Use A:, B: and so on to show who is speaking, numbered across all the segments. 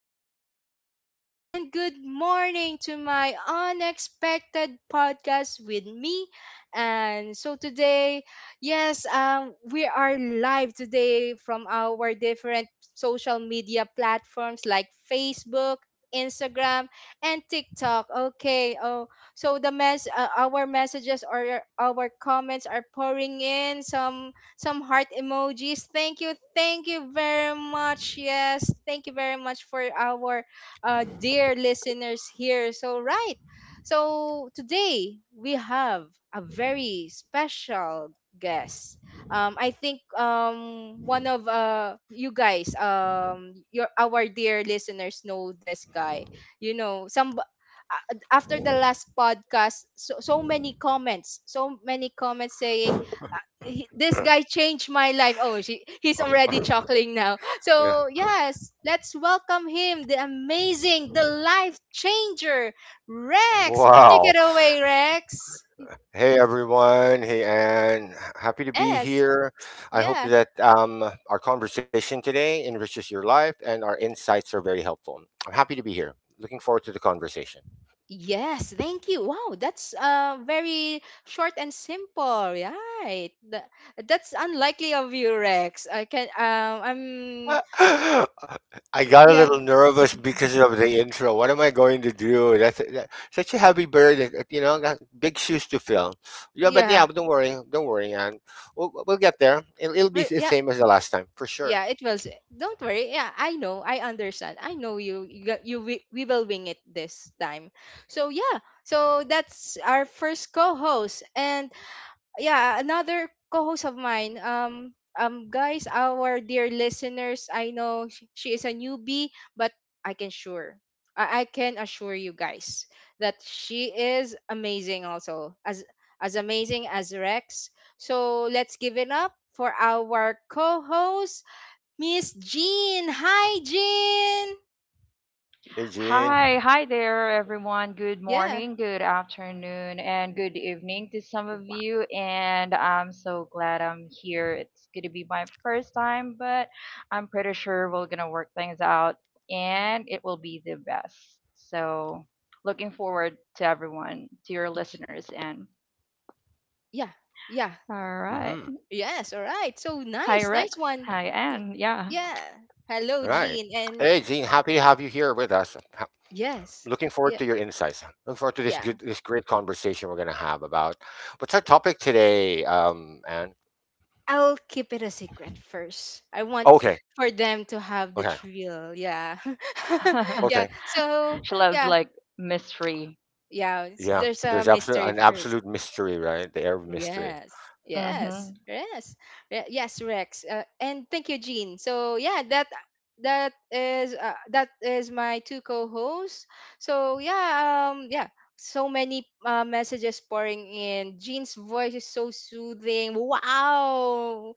A: good evening, and good morning to my unexpected podcast with me. And so today, yes, we are live today from our different social media platforms like Facebook. Instagram and TikTok. Okay. Oh, so our messages or our comments are pouring in. Some heart emojis. Thank you. Thank you very much. Yes. Thank you very much for our dear listeners here. So, right. So, today we have a very special guest. I think one of you guys, your our dear listeners know this guy. You know, after the last podcast, so many comments, saying this
B: Uh,
A: guy changed my life. Oh, he's
B: Oh,
A: already chuckling now.
B: yeah.
A: So, yes, let's welcome him, the amazing, the life changer, Rex. Take
B: Wow.
A: it away, Rex.
B: Hey everyone. Hey Anne. Happy to be
A: Yes.
B: here. I hope
A: Yeah.
B: that our conversation today enriches your life and our insights are very helpful. I'm happy to be here. Looking forward to the conversation.
A: Yes, thank you. Wow, that's very short and simple. Right. That's unlikely of you, Rex. I can,
B: I got a
A: yeah,
B: little nervous because of the intro. What am I going to do? Such a heavy burden. You know, got big shoes to fill. Yeah, but
A: yeah.
B: yeah, but don't worry. Don't worry, and We'll get there. It'll be the
A: Yeah,
B: same as the last time for
A: yeah,
B: sure.
A: it was. Don't worry, yeah, I know, I understand. I know you you, we will wing it this time. So yeah, so that's our first co-host, and yeah, another co-host of mine. Guys, our dear listeners, I know she is a newbie, but i can sure I I can assure you guys that she is amazing also, as amazing as Rex. So let's give it up for our co-host, Miss Jean. Hi, Jean.
B: Hey,
C: Hi,
B: Gene.
C: there, everyone. Good
A: Yeah.
C: morning, good afternoon, and good evening to some of
A: Wow.
C: you. And I'm so glad I'm here. It's going to be my first time, but I'm pretty sure we're going to work things out and it will be the best. So, looking forward to everyone, to your
A: Y-
C: listeners. And
A: Yeah. Yeah.
C: all right.
B: Hmm.
A: Yes. All right. So
C: Hi,
A: nice. Nice
C: Rex.
A: one.
C: Hi,
A: Y-
C: Anne. Yeah.
A: Yeah. Hello,
B: Right.
A: Jean. And
B: Hey, Gene, happy to have you here with us.
A: yes.
B: Looking forward
A: Yeah.
B: to your insights. Looking forward to this
A: Yeah.
B: this great conversation we're going to have about what's our topic today. And
A: I'll keep it a secret first. I want
B: okay,
A: for them to
B: okay,
A: have the thrill. Yeah.
B: okay,
A: yeah. So,
C: She loves
A: yeah.
C: like mystery.
A: Yeah.
B: yeah.
A: There's a
B: There's absolute
A: mystery
B: an
A: first.
B: absolute mystery, right? The air of mystery.
A: Yes.
C: Mm
B: Uh,
A: Yes.
C: hmm.
A: Yes. Yes, Rex. And thank you, Jean. So yeah, that is my two co-hosts. So yeah, yeah. So many messages pouring in. Jean's voice is so soothing. Wow,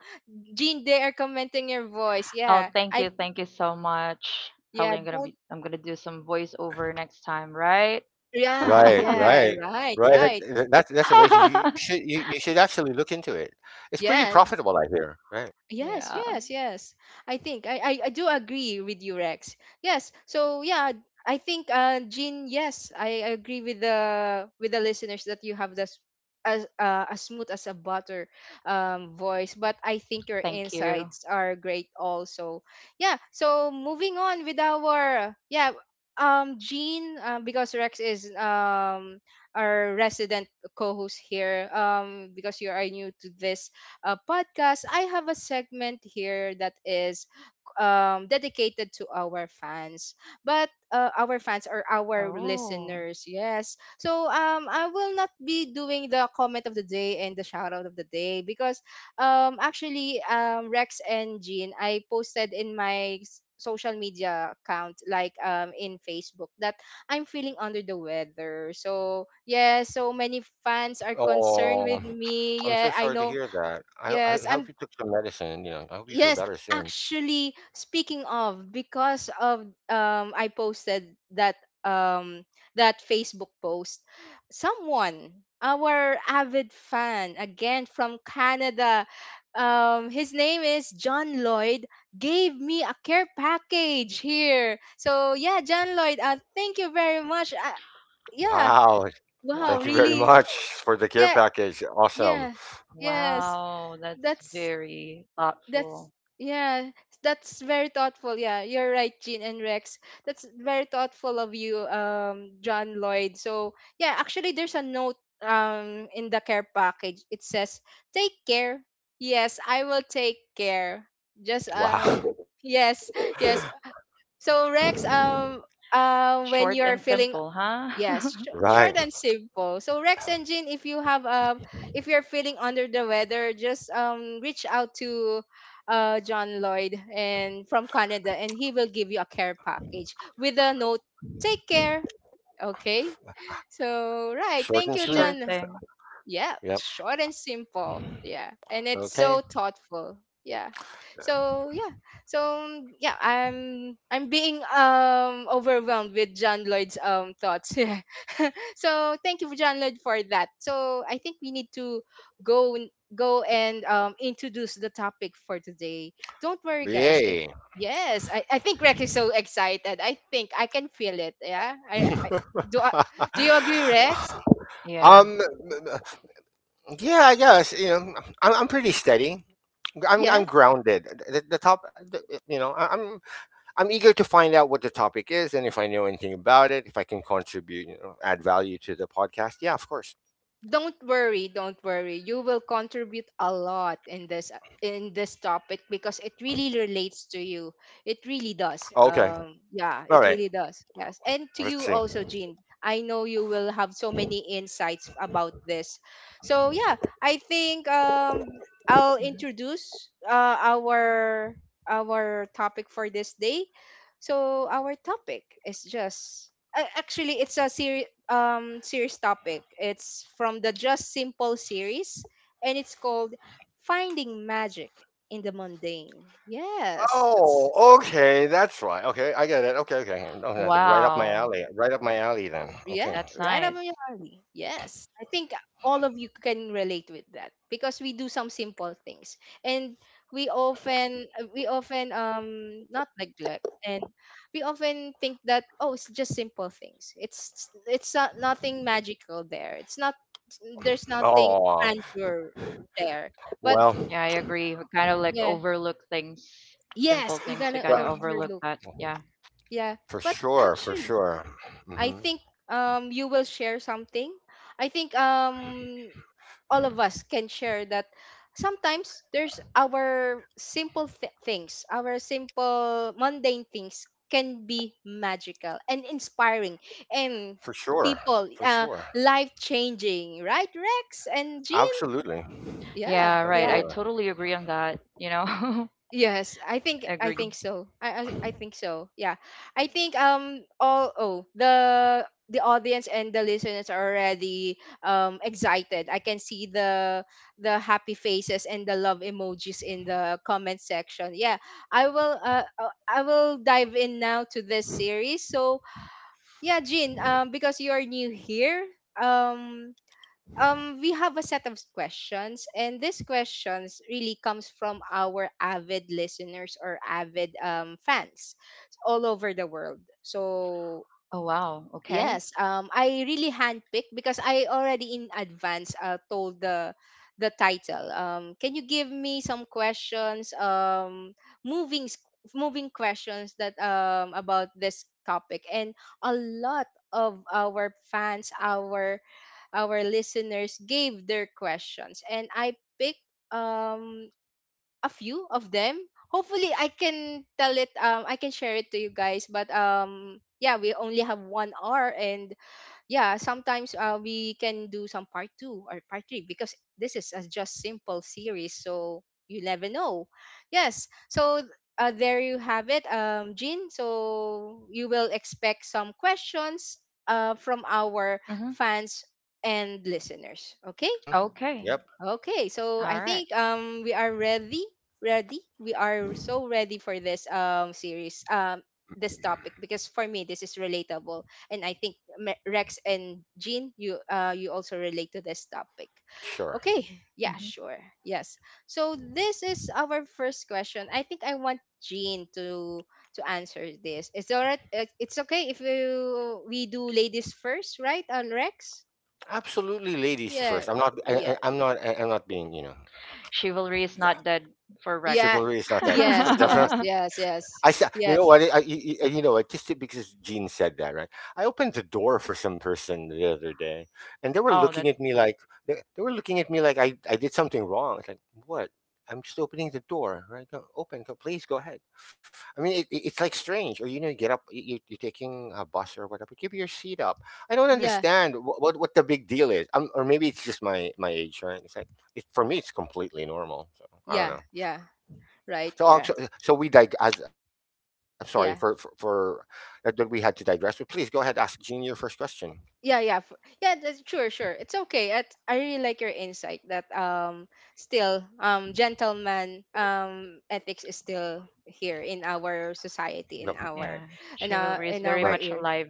A: Jean, they are commenting your voice.
C: Oh,
A: Yeah,
C: thank
A: I
C: you, so much.
A: yeah,
C: Probably
A: don't,
C: I'm gonna do some voiceover next time, right?
A: yeah,
B: Right,
A: yeah,
B: right,
A: right,
B: right. That,
A: right,
B: that, that's that's amazing. You should you, you should actually look into it. It's pretty
A: yeah.
B: profitable, I hear. Right.
A: Yes,
C: Yeah.
A: yes, yes. I think I do agree with you, Rex. Yes. So yeah, I think Jean, yes, I agree with the listeners that you have this as, as smooth as a butter, voice, but I think your
C: Thank you.
A: insights are great also. Yeah. So moving on with our, yeah, Jean, because Rex is, our resident co-host here, because you are new to this podcast, I have a segment here that is dedicated to our fans, but, our fans or our
C: Oh,
A: listeners, yes. So I will not be doing the comment of the day and the shout out of the day, because, actually, Rex and Jean, I posted in my social media account, like, in Facebook, that I'm feeling under the weather. So yeah, so many fans are concerned with
B: Oh,
A: me.
B: I'm
A: Yeah,
B: so
A: I
B: sorry to
A: know.
B: hear that. I
A: Yes,
B: hope
A: I'm,
B: you took some medicine. And I hope you feel
A: yes,
B: better soon.
A: actually, speaking of, because of, I posted that, um that Facebook post. Someone, our avid fan again from Canada, his name is John Lloyd, gave me a care package here. So yeah, John Lloyd, thank you very much.
C: wow.
A: Yeah.
B: Wow.
A: Wow,
B: Thank you very
A: really?
B: much for the care
A: Yeah,
B: package. Awesome.
A: yeah.
C: Wow, that's
A: Yes.
C: very
A: That's
C: thoughtful.
A: That's, yeah, that's very thoughtful. Yeah, you're right, Jean and Rex. That's very thoughtful of you, John Lloyd. So yeah, actually, there's a note in the care package. It says, "Take care." Yes, I will take care. Just,
B: Wow.
A: yes, yes. So Rex,
C: Short and
A: when you're
C: simple,
A: feeling,
C: huh?
A: yes,
B: Right.
A: short and simple. So Rex and Jean, if you have, if you're feeling under the weather, just, reach out to John Lloyd, and from Canada, and he will give you a care package with a note. Take care. Okay. So right,
B: Short
A: thank
B: and
A: you,
C: Sure
B: sweet.
A: John.
C: thing.
A: Yeah,
B: Yep.
A: short and simple, yeah, and it's
B: Okay.
A: so thoughtful. Yeah, so yeah, so yeah, I'm being, overwhelmed with John Lloyd's, thoughts, yeah, so thank you, John Lloyd, for that. So I think we need to go n- go and, introduce the topic for today. Don't worry, guys, it
B: Yay.
A: yes, I think Rec is so excited, I think I can feel it. Yeah, I do, do you agree, Rex?
C: Yeah.
B: um. Yeah. I'm pretty steady. I'm.
A: Yeah.
B: I'm grounded. The top. The, you know. I- I'm. I'm eager to find out what the topic is, and if I know anything about it, if I can contribute, add value to the podcast. Yeah, of course.
A: Don't worry, don't worry, you will contribute a lot in this, in this topic, because it really relates to you, it really
B: Okay.
A: does.
B: All right.
A: Yeah, it really does. Yes, and
B: Let's
A: to
B: see.
A: you also, Jean, I know you will have so many insights about this. So yeah, I think, I'll
C: Mhm.
A: introduce our topic for this day. So our topic is just, actually, it's a serious topic. It's from the Just Simple series, and it's called Finding Magic in the Mundane. Yes, that's,
B: Oh, okay. That's right. Okay. I get it. Okay. Okay. No, that's
C: Wow,
B: right up my alley. Right up my alley then.
C: that's
A: yeah,
B: Okay.
C: nice.
A: right up your alley. Yes. I think all of you can relate with that, because we do some simple things, and we often, we often, not neglect, and we often think that, oh, it's just simple things. It's not, nothing magical there. It's not, there's nothing
B: Oh,
A: grandeur there. But
B: well,
C: Yeah, I agree. We kind of like
A: yeah,
C: overlook things,
A: yes,
C: simple
A: you're
C: things. We
A: gonna
B: ri-
C: kind of overlook
A: overlook.
C: that. Yeah.
A: Yeah.
B: for
A: But
B: sure. For
A: actually,
B: sure. Hmm.
A: I think, you will share something. I think, all of us can share that sometimes there's our simple things, our simple mundane things can be magical and inspiring, and
B: For sure.
A: people,
B: For sure.
A: life changing, right, Rex and Jean?
B: Absolutely.
A: Yeah,
C: Yeah, right. I
A: yeah.
B: Absolutely.
C: totally agree on that. You know,
A: Yes, I think,
C: agree.
A: I think so. Yeah. I think, all, oh, the audience and the listeners are already, excited. I can see the happy faces and the love emojis in the comment section. Yeah. I will, I will dive in now to this series. So, yeah, Jean, because you are new here, um we have a set of questions, and these questions really comes from our avid listeners or avid, fans all over the world.
C: Oh,
A: So
C: wow. Okay.
A: yes, I really handpicked, because I already in advance, told the title, can you give me some questions, moving s- moving questions that, about this topic, and a lot of our fans, our listeners gave their questions, and I picked, um a few of them. Hopefully I can tell it, I can share it to you guys, but, yeah, we only have 1 hour, and yeah, sometimes, we can do some part two or part three, because this is a just simple series, so you never know. Yes, so, there you have it, Jean, so you will expect some questions, from our
C: Mm-hmm.
A: fans and listeners. Okay.
B: Hmm.
C: Okay.
B: Yep.
A: Okay, so I
C: All right.
A: think, we are ready, ready. We are so ready for this, series, this topic, because for me this is relatable, and I think, Rex and Jean, you, you also relate to this topic.
B: Sure.
A: Okay, yeah,
C: Mm-hmm.
A: sure, yes. So this is our first question. I think I want Jean to answer this. Is it alright? It's okay if we, we do ladies first, right? On Rex?
B: Absolutely, ladies
A: Yeah,
B: first. I'm not.
A: yeah.
B: I- I'm not. I, I'm not being.
C: Chivalry is not
B: Yeah,
C: dead for
A: Yeah.
C: Rex.
B: chivalry is not that.
A: Yes,
B: Of course,
A: yes,
C: Oh,
B: definitely.
A: yes, yes.
B: You know
A: Yes.
B: what? I you, you You know what? Just because Gene said that, right? I opened the door for some person the other day, and they were looking
C: that's,
B: at me like they were looking at me like I did something wrong. It's like what? I'm just opening the door, right? Go, open, go, please go ahead. I mean, it's like strange, or you get up, you're taking a bus or whatever, give your seat up. I don't
A: Yeah,
B: understand what the big deal is, or maybe it's just my age, right? It's like for me, it's completely normal. So I don't
A: yeah,
B: know.
A: yeah. Right.
B: So, uh,
A: Yeah.
B: so, so we dig. I'm sorry for
A: Yeah.
B: that we had to digress. But please go ahead, ask Gene your first question.
A: Yeah, yeah. Yeah, that's sure, sure. It's okay. At, I really like your insight that, still, gentleman, ethics is still here in our society,
B: Yep.
A: in
C: yeah.
A: our, in our,
C: Chivalry is
A: in
B: Right.
C: very
A: our
C: much
A: ear.
C: alive.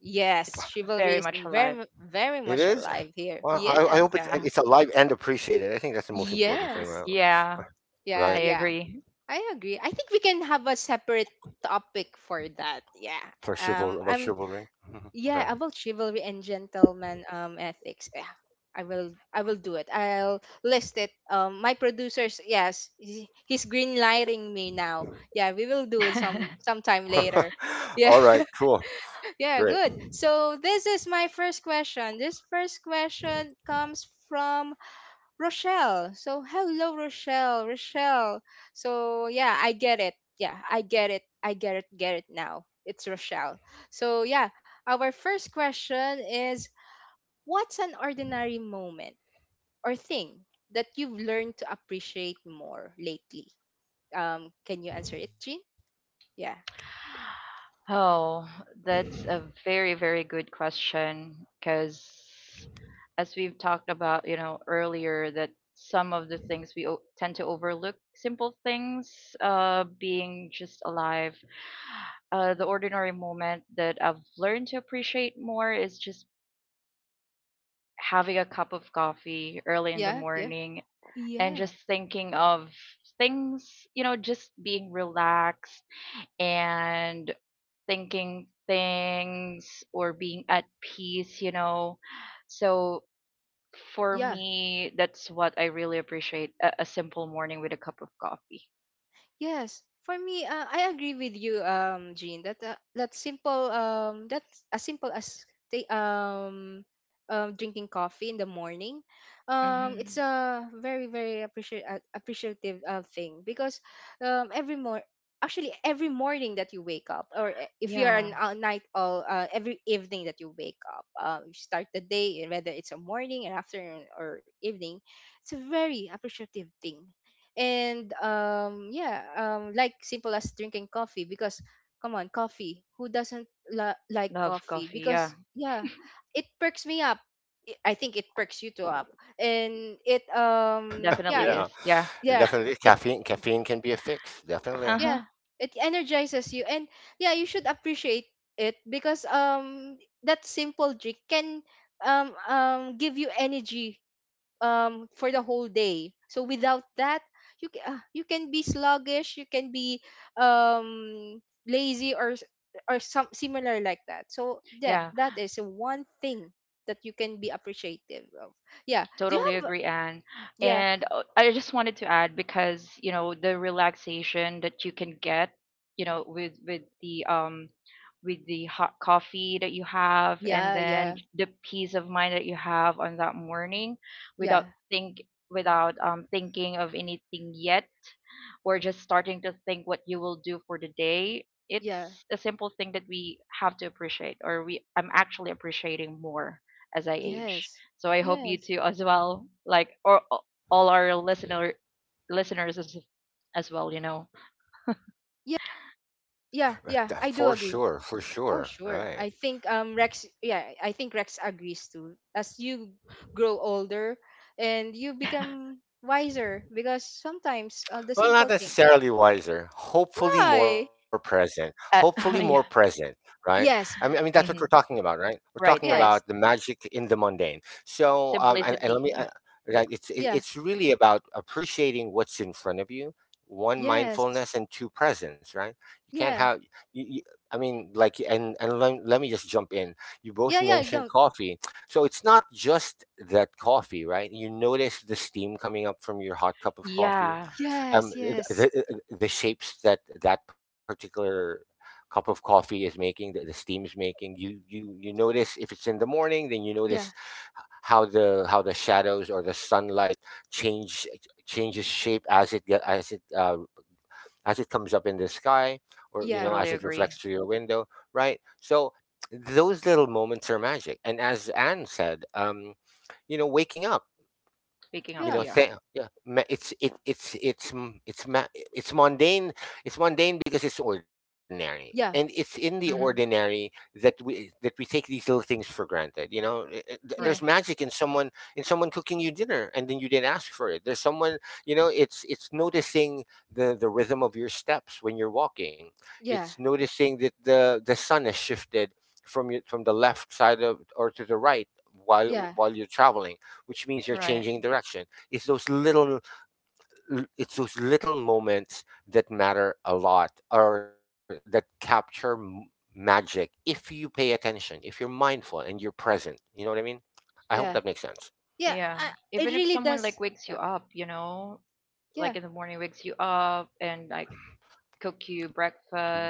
A: Yes,
C: It's very
A: chivalry is
C: much alive.
A: very
B: It
A: much
B: is.
A: alive here.
B: Well, I
A: Yes.
B: hope it's
C: Yeah.
B: it's alive and appreciated. I think that's the most important thing.
A: Yes.
C: Yeah,
A: Yeah,
C: I
B: Right.
A: yeah.
C: agree.
A: I agree. I think we can have a separate topic for that. Yeah.
B: For chival
A: I'm,
B: about chivalry. Mhm.
A: yeah,
B: Okay.
A: about chivalry and gentleman, ethics. Yeah. I will, I will do it. I'll list it. My producers, yes, he's green lighting me now. Yeah, we will do it some sometime later. Yeah.
B: All right. Cool.
A: yeah,
B: Great.
A: good. So this is my first question. This first question comes from Rochelle. So hello, Rochelle, Rochelle. So yeah, I get it. Yeah, I get it. I get it. Get it now. It's Rochelle. So yeah, our first question is, what's an ordinary moment or thing that you've learned to appreciate more lately? Can you answer it, Jean? Yeah.
C: Oh, that's a very, very good question. Because as we've talked about, you know, earlier, that some of the things tend to overlook, simple things, being just alive. The ordinary moment that I've learned to appreciate more is just having a cup of coffee early in the
A: Yeah. Yeah.
C: morning and
A: Yeah.
C: just thinking of things, you know, just being relaxed and thinking things or being at peace, you know. So for
A: Yeah.
C: me, that's what I really appreciate a simple morning with a cup of coffee.
A: Yes, for me, I agree with you, Jean. That, that simple, that's as simple as, ta- um, drinking coffee in the morning. It's
C: hmm
A: a very very appreciate appreciative, thing, because, every mor actually, every morning that you wake up, or, if you are an,
C: Yeah,
A: night owl, every evening that you wake up, you start the day, and whether it's a morning, an afternoon, or evening. It's a very appreciative thing, and like simple as drinking coffee because come on, coffee, who doesn't like
C: love
A: coffee
C: coffee. Yeah,
A: because it perks me up. I think it perks you two up. And it
C: definitely
A: yeah it
C: is.
B: Yeah.
C: Yeah.
A: yeah
B: Definitely
A: it
B: caffeine. Caffeine can be a fix.
C: Uh
B: Definitely.
C: huh.
A: yeah it energizes you. And yeah, you should appreciate it because that simple drink can give you energy for the whole day. So without that you can be sluggish, you can be um lazy or or some similar like that. So that
C: Yeah.
A: that is one thing that you can be appreciative of. Yeah, do you
C: Totally
A: have?
C: agree, Anne.
A: Yeah,
C: And I just wanted to add because you know the relaxation that you can get, you know, with the hot coffee that you have, and
A: yeah,
C: then
A: yeah,
C: the peace of mind that you have on that morning,
A: yeah,
C: without think without thinking of anything yet, or just starting to think what you will do for the day.
A: yeah,
C: It's a simple thing that we have to appreciate, or we I'm actually appreciating more as I age.
A: yes,
C: So I hope you
A: yes,
C: two as well, all our listeners as well, you know.
A: yeah, yeah, yeah,
B: For
A: I do
B: sure. For
A: agree.
B: sure.
A: For
B: Right.
A: sure. I think Rex, yeah, I think Rex agrees too. As you grow older and you become wiser, because sometimes, the
B: Well, not
A: simple thing.
B: necessarily wiser. Hopefully, more
A: Why?
B: present. Hopefully,
C: Uh,
B: more
A: Y-
C: yeah.
B: present. Right? I mean,
A: yes.
B: that's what we're
C: hmm
B: talking about, right? We're talking
C: Right,
B: about
C: right.
B: the
A: Yes.
B: magic in the mundane. So, and let
C: Simplicity.
B: me,
C: Yeah.
B: right? It's it,
A: Yeah.
B: it's really about appreciating what's in front of you. One
A: Yes.
B: mindfulness and two presence, right? You can't
A: Yeah.
B: have. You, I mean, like, and let me just jump in. You both
A: Yeah, yeah, I
B: mentioned
A: don't.
B: coffee, so it's not just that coffee, right? You notice the steam coming up from your hot cup of coffee,
C: Yeah.
A: Yes, yes.
B: the shapes that that particular cup of coffee is making, the steam is making you. You notice, if it's in the morning, then you notice
A: Yeah.
B: how the shadows or the sunlight change changes shape as it get as it comes up in the sky, or
A: Yeah.
B: as
C: Totally
B: it
C: agree.
B: reflects through your window, right? So those little moments are magic, and as Anne said, waking up,
C: Waking up.
A: Yeah.
C: Yeah.
B: it's mundane. It's mundane because it's ordinary, and it's
A: Yeah.
B: in the
C: hmm
B: ordinary that we take these little things for granted. There's
A: Yeah.
C: Right.
B: magic in someone, in someone cooking you dinner, and then you didn't ask for it. There's someone you know It's noticing the rhythm of your steps when you're walking.
A: Yeah.
B: It's noticing that the sun has shifted from the left side of or to the right while
A: Yeah.
B: while you're traveling, which means you're
C: Right.
B: changing direction. It's those little it's those little moments that matter a lot, or that capture magic, if you pay attention, if you're mindful and you're present. You know what I mean? I hope that makes
A: Yeah.
B: sense.
A: Yeah.
C: Yeah.
A: It
C: Even if
A: really
C: someone like
A: does.
C: wakes you
A: Yeah.
C: up, you know,
A: Yeah.
C: like in the morning wakes you up and like cook you
B: Br-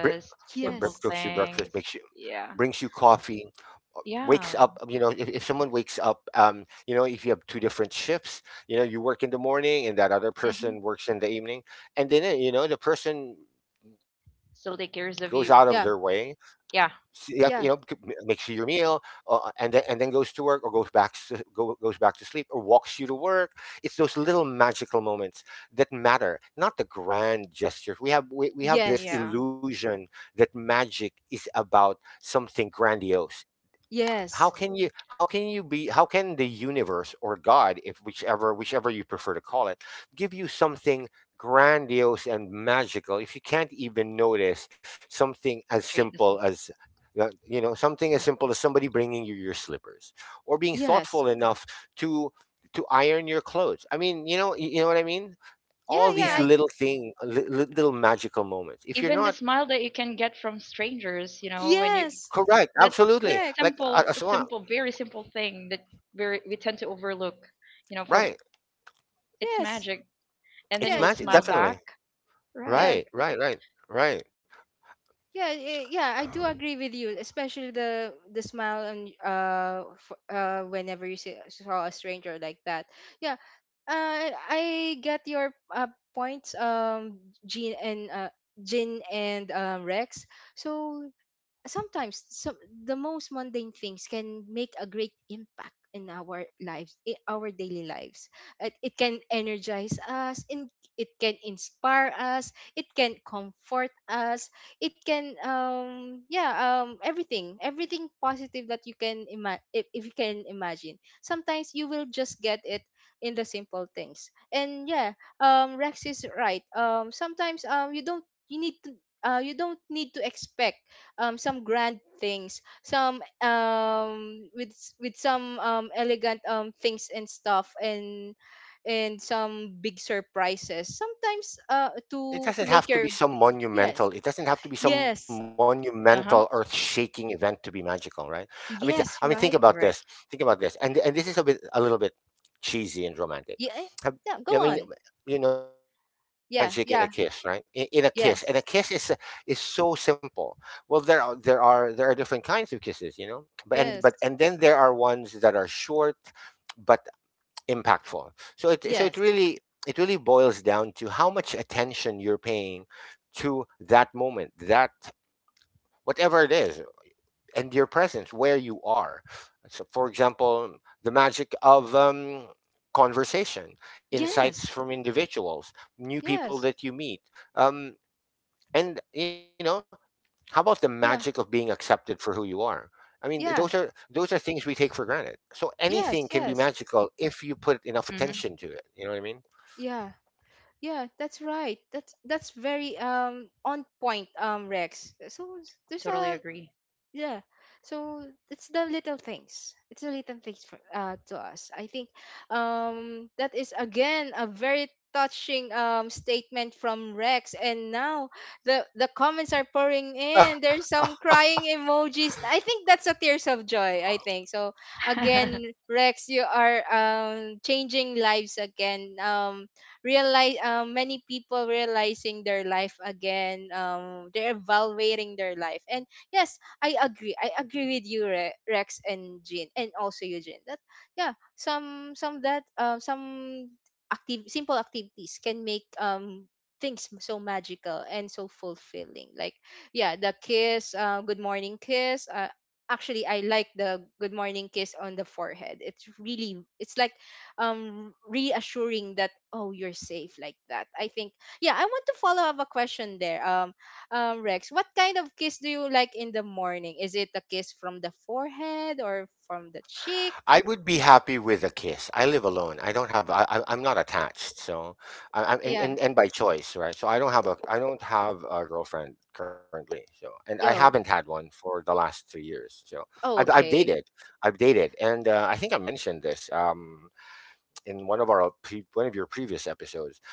B: Cooks you
C: simple
B: breakfast,
A: Yes.
B: makes you
C: things.
B: brings you
C: Yeah.
B: coffee, uh, wakes up.
C: Yeah.
B: You know, if, someone wakes up, if you have two different shifts, you know, you work in the morning and that other
C: hmm
B: person works in the evening, and then you know the person
C: Still take cares of
B: goes
C: you.
B: out of
A: Yeah.
B: their way.
C: Yeah.
B: You have to,
A: Yeah.
B: you know, makes you your meal, and then goes to work, or goes back to, goes back to sleep, or walks you to work. It's those little magical moments that matter, not the grand gestures. We have this
A: Yes.
C: Yeah.
B: illusion that magic is about something grandiose.
A: Yes.
B: How can the universe, or god, if whichever you prefer to call it, give you something grandiose and magical, if you can't even notice something as
C: Trade the
B: simple
C: simple.
B: as, something as simple as somebody bringing you your slippers, or being
A: Yes.
B: thoughtful enough to iron your clothes? I mean, you know what I mean.
A: Yeah,
B: All
A: yeah,
B: these
C: Yeah,
A: I
B: little thing li- li- little magical moments, if you're
C: even the
B: not.
C: smile that you can get from strangers, you know, when you
A: yes,
B: Correct.
C: that's
B: Absolutely.
C: that's a
A: correct.
B: So,
C: simple, very simple thing that very we tend to overlook, you know, from,
B: right,
C: it's
A: Yes,
C: magic, and then
B: it's
A: yeah,
C: you will
A: it's
B: magic,
C: smile
A: nice.
B: definitely.
C: back, right?
A: Yeah,
B: Right, right, right, right.
A: yeah, yeah, yeah. I do agree with you, especially the smile, and whenever you saw a stranger like that. Yeah, I get your points, Jean and Jin and Rex. So sometimes some, the most mundane things can make a great impact in our lives, in our daily lives. It can energize us, and it can inspire us, it can comfort us, it can everything, positive that you can imagine. If you can imagine, sometimes you will just get it in the simple things. And yeah, Rex is right. Sometimes you don't, you need to, you don't need to expect some grand things, some with with some elegant things and stuff, and some big surprises, sometimes uh, to make your yes,
B: It doesn't have to be some
A: yes,
B: monumental,
C: Uh-huh.
B: earth-shaking event to be magical, right? I mean, think
A: yes,
B: about
A: right,
B: this.
C: Right.
B: Think about this, and this is a bit a little bit cheesy and romantic.
A: yeah, eh,
B: Have,
A: yeah,
B: I
A: go
B: mean,
A: on,
B: you can feel
A: yeah,
B: magic in a
A: yeah,
B: kiss, right? In a kiss, and a
A: yes,
B: kiss is so simple. Well, there are different kinds of kisses, but
A: yes,
B: and then there are ones that are short, but impactful. So it so it
A: yes,
B: really it really boils down to how much attention you're paying to that, whatever it is, and your presence where you are. So, for example, the magic of, conversation, insights
A: yes,
B: from individuals, new people
A: yes,
B: that you meet, um, and you know, how about the magic of being
A: yeah,
B: accepted for who you are? I mean, those are
A: yeah,
B: those are things we take for granted. So anything can
A: yes,
B: be
C: Mm-hmm.
A: yes,
B: magical if you put enough attention to it. You know what I mean?
A: yeah. Yeah, that's right. That's very on point,
C: Totally agree.
A: Rex. So there's a yeah. So it's the little things. It's the little things for uh, to us. I think that is again a very touching statement from Rex. And now the comments are pouring in. There's some crying emojis. I think that's a tears of joy, I
C: hmm
A: think. So again, Rex, you are changing lives again. Realize many people realizing their life again. They're evaluating their life. And yes, I agree. I agree with you, Rex and Jean, and also Eugene. That yeah, some active simple activities can make things so magical and so fulfilling. Like yeah, the kiss, good morning kiss. Actually, I like the good morning kiss on the forehead. It's really, it's like reassuring that, oh, you're safe, like that. I think yeah. I want to follow up a question there. Rex, what kind of kiss do you like in the morning? Is it a kiss from the forehead or from the cheek?
B: I would be happy with a kiss. I live alone. I'm not attached. So I, I'm and,
A: Yeah.
B: and and by choice, right? I don't have a girlfriend currently. So and I
A: Yo.
B: haven't had one for the last 3 years. So
A: Oh,
B: I've
A: okay.
B: dated. I've dated, and I think I mentioned this, in one of your previous episodes.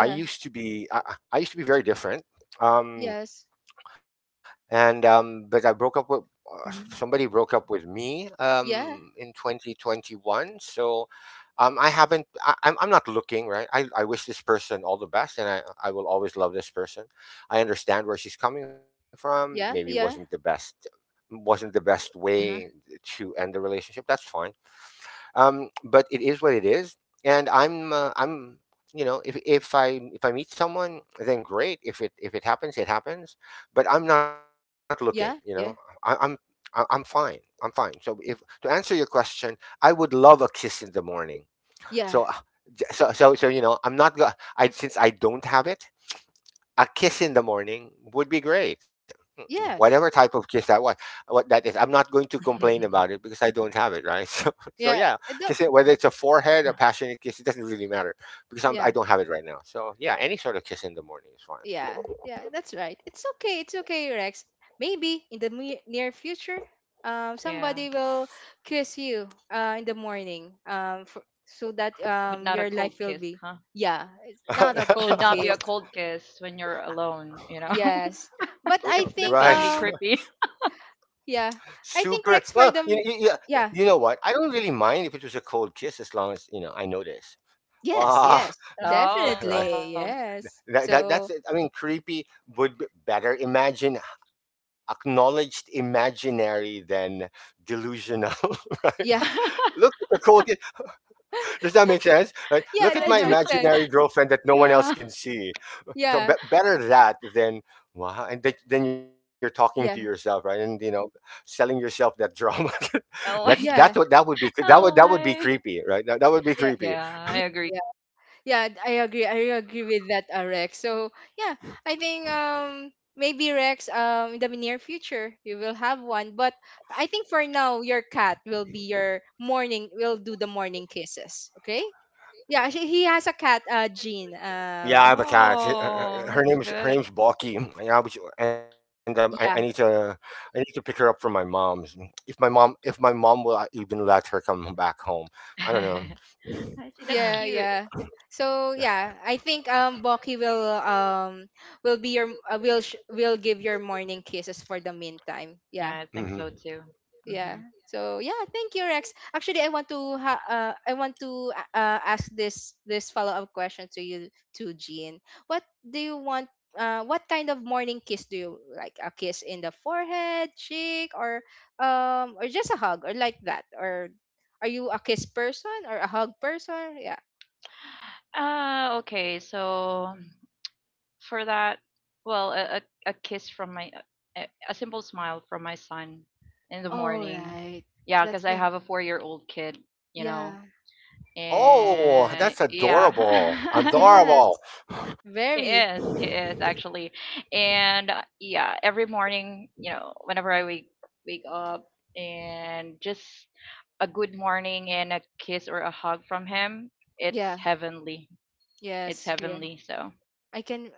B: I used to be very different. Um,
A: Yes.
B: and but I broke up with somebody broke up with me, in
A: Yeah.
B: 2021. So I'm not looking, right? I wish this person all the best, and I will always love this person. I understand where she's coming from. Maybe it
A: Yeah.
B: wasn't the
A: Yeah.
B: best wasn't the best
C: hmm
B: way to end the relationship. That's fine, but it is what it is. And I'm you know if, if I meet someone, then great. If it if it happens, it happens. But I'm not looking,
A: Yeah.
B: I, I'm
A: Yeah.
B: fine. I'm fine. So, if to answer your question, I would love a kiss in the morning. So,
A: Yeah.
B: you know, I'm not go- I since I don't have it, a kiss in the morning would be great. Mm,
A: Yes.
B: whatever type of kiss that was, what that is, I'm not going to complain about it because I don't have it, right? So, so
A: Yeah.
B: yeah,
A: I don't.
B: kiss it. Whether it's a forehead, a passionate kiss, it doesn't really matter because I'm, I
A: Yeah.
B: don't have it right now. So yeah, any sort of kiss in the morning is fine.
A: Yeah, yeah, that's right. It's okay. It's okay, Rex. Maybe in the near future,
C: Yeah,
A: somebody will kiss you in the morning for, so that
C: but not a
A: your life
C: cold
A: will
C: kiss,
A: be.
C: huh?
A: Yeah, it's not a
C: Should
A: cold
C: not be a
A: kiss.
C: cold kiss when you're alone, you know.
A: Yes. But I
C: It's, that's
A: think,
B: Right.
C: gonna be creepy.
A: yeah, I
B: Super.
A: think
B: Well,
A: Rex for
B: you, you,
A: them,
B: you you know
A: yeah,
B: what? I don't really mind if it was a cold kiss as long as, you know, I notice.
A: yes,
B: Ah,
A: yes,
C: Oh.
B: right.
A: definitely, yes.
B: That's
A: So,
B: it. I mean, creepy would be better. Imagine acknowledged imaginary than delusional, right?
A: yeah,
B: Look at the cool kid. Does that make sense? Right? Look at
A: yeah,
B: my
A: that
C: Yeah,
A: makes
B: imaginary
A: sense.
B: girlfriend that no one else
C: yeah.
B: can see. So
A: Yeah,
B: better that than then you're talking to yourself,
A: yeah,
B: right? And you know, selling yourself that drama. that's
C: Oh
B: that's
C: my
B: what
C: god.
B: that
A: yeah,
B: would be. That would that would
C: Oh
B: be
C: my.
B: creepy, right? That would be creepy.
A: yeah,
C: Yeah, I agree.
A: yeah. Yeah, I agree. I agree with that, Rex. So yeah, I think maybe Rex in the near future you will have one, but I think for now your cat will be your morning, will do the morning kisses. Okay? Yeah, he has a cat, Jean.
B: Yeah, I have a cat.
C: Oh,
B: her
C: that's
B: name's her
C: good.
B: name's Balky. Yeah, which, and I need to
A: Yeah,
B: I need to pick her up from my mom's. If my mom will even let her come back home, I don't know.
C: I see. That's
A: yeah,
C: cute.
A: yeah. So yeah, I think Boki will be your will give your morning kisses for the meantime. Yeah.
C: Yeah, I think so
B: hmm.
C: too.
A: Yeah,
C: Mm-hmm.
A: so yeah, thank you, Rex. Actually, I want to I want to ask this follow-up question to you, to Jean. What do you want, what kind of morning kiss do you like? A kiss in the forehead, cheek, or just a hug or like that? Or are you a kiss person or a hug person? Yeah,
C: Okay. So for that, well, a kiss from my, a simple smile from my son in the
A: all
C: morning.
A: right,
C: Yeah,
A: that's
C: because I
A: it,
C: have a four-year-old kid, you know,
A: yeah,
B: Oh,
C: and
B: that's adorable,
C: yeah.
B: adorable.
A: yes,
C: He
A: very,
C: is. He is actually. And yeah, every morning, you know, whenever I wake up and just a good morning and a kiss or a hug from him, it's
A: yeah,
C: heavenly. It's
A: yes, yeah,
C: heavenly. So,
A: I can,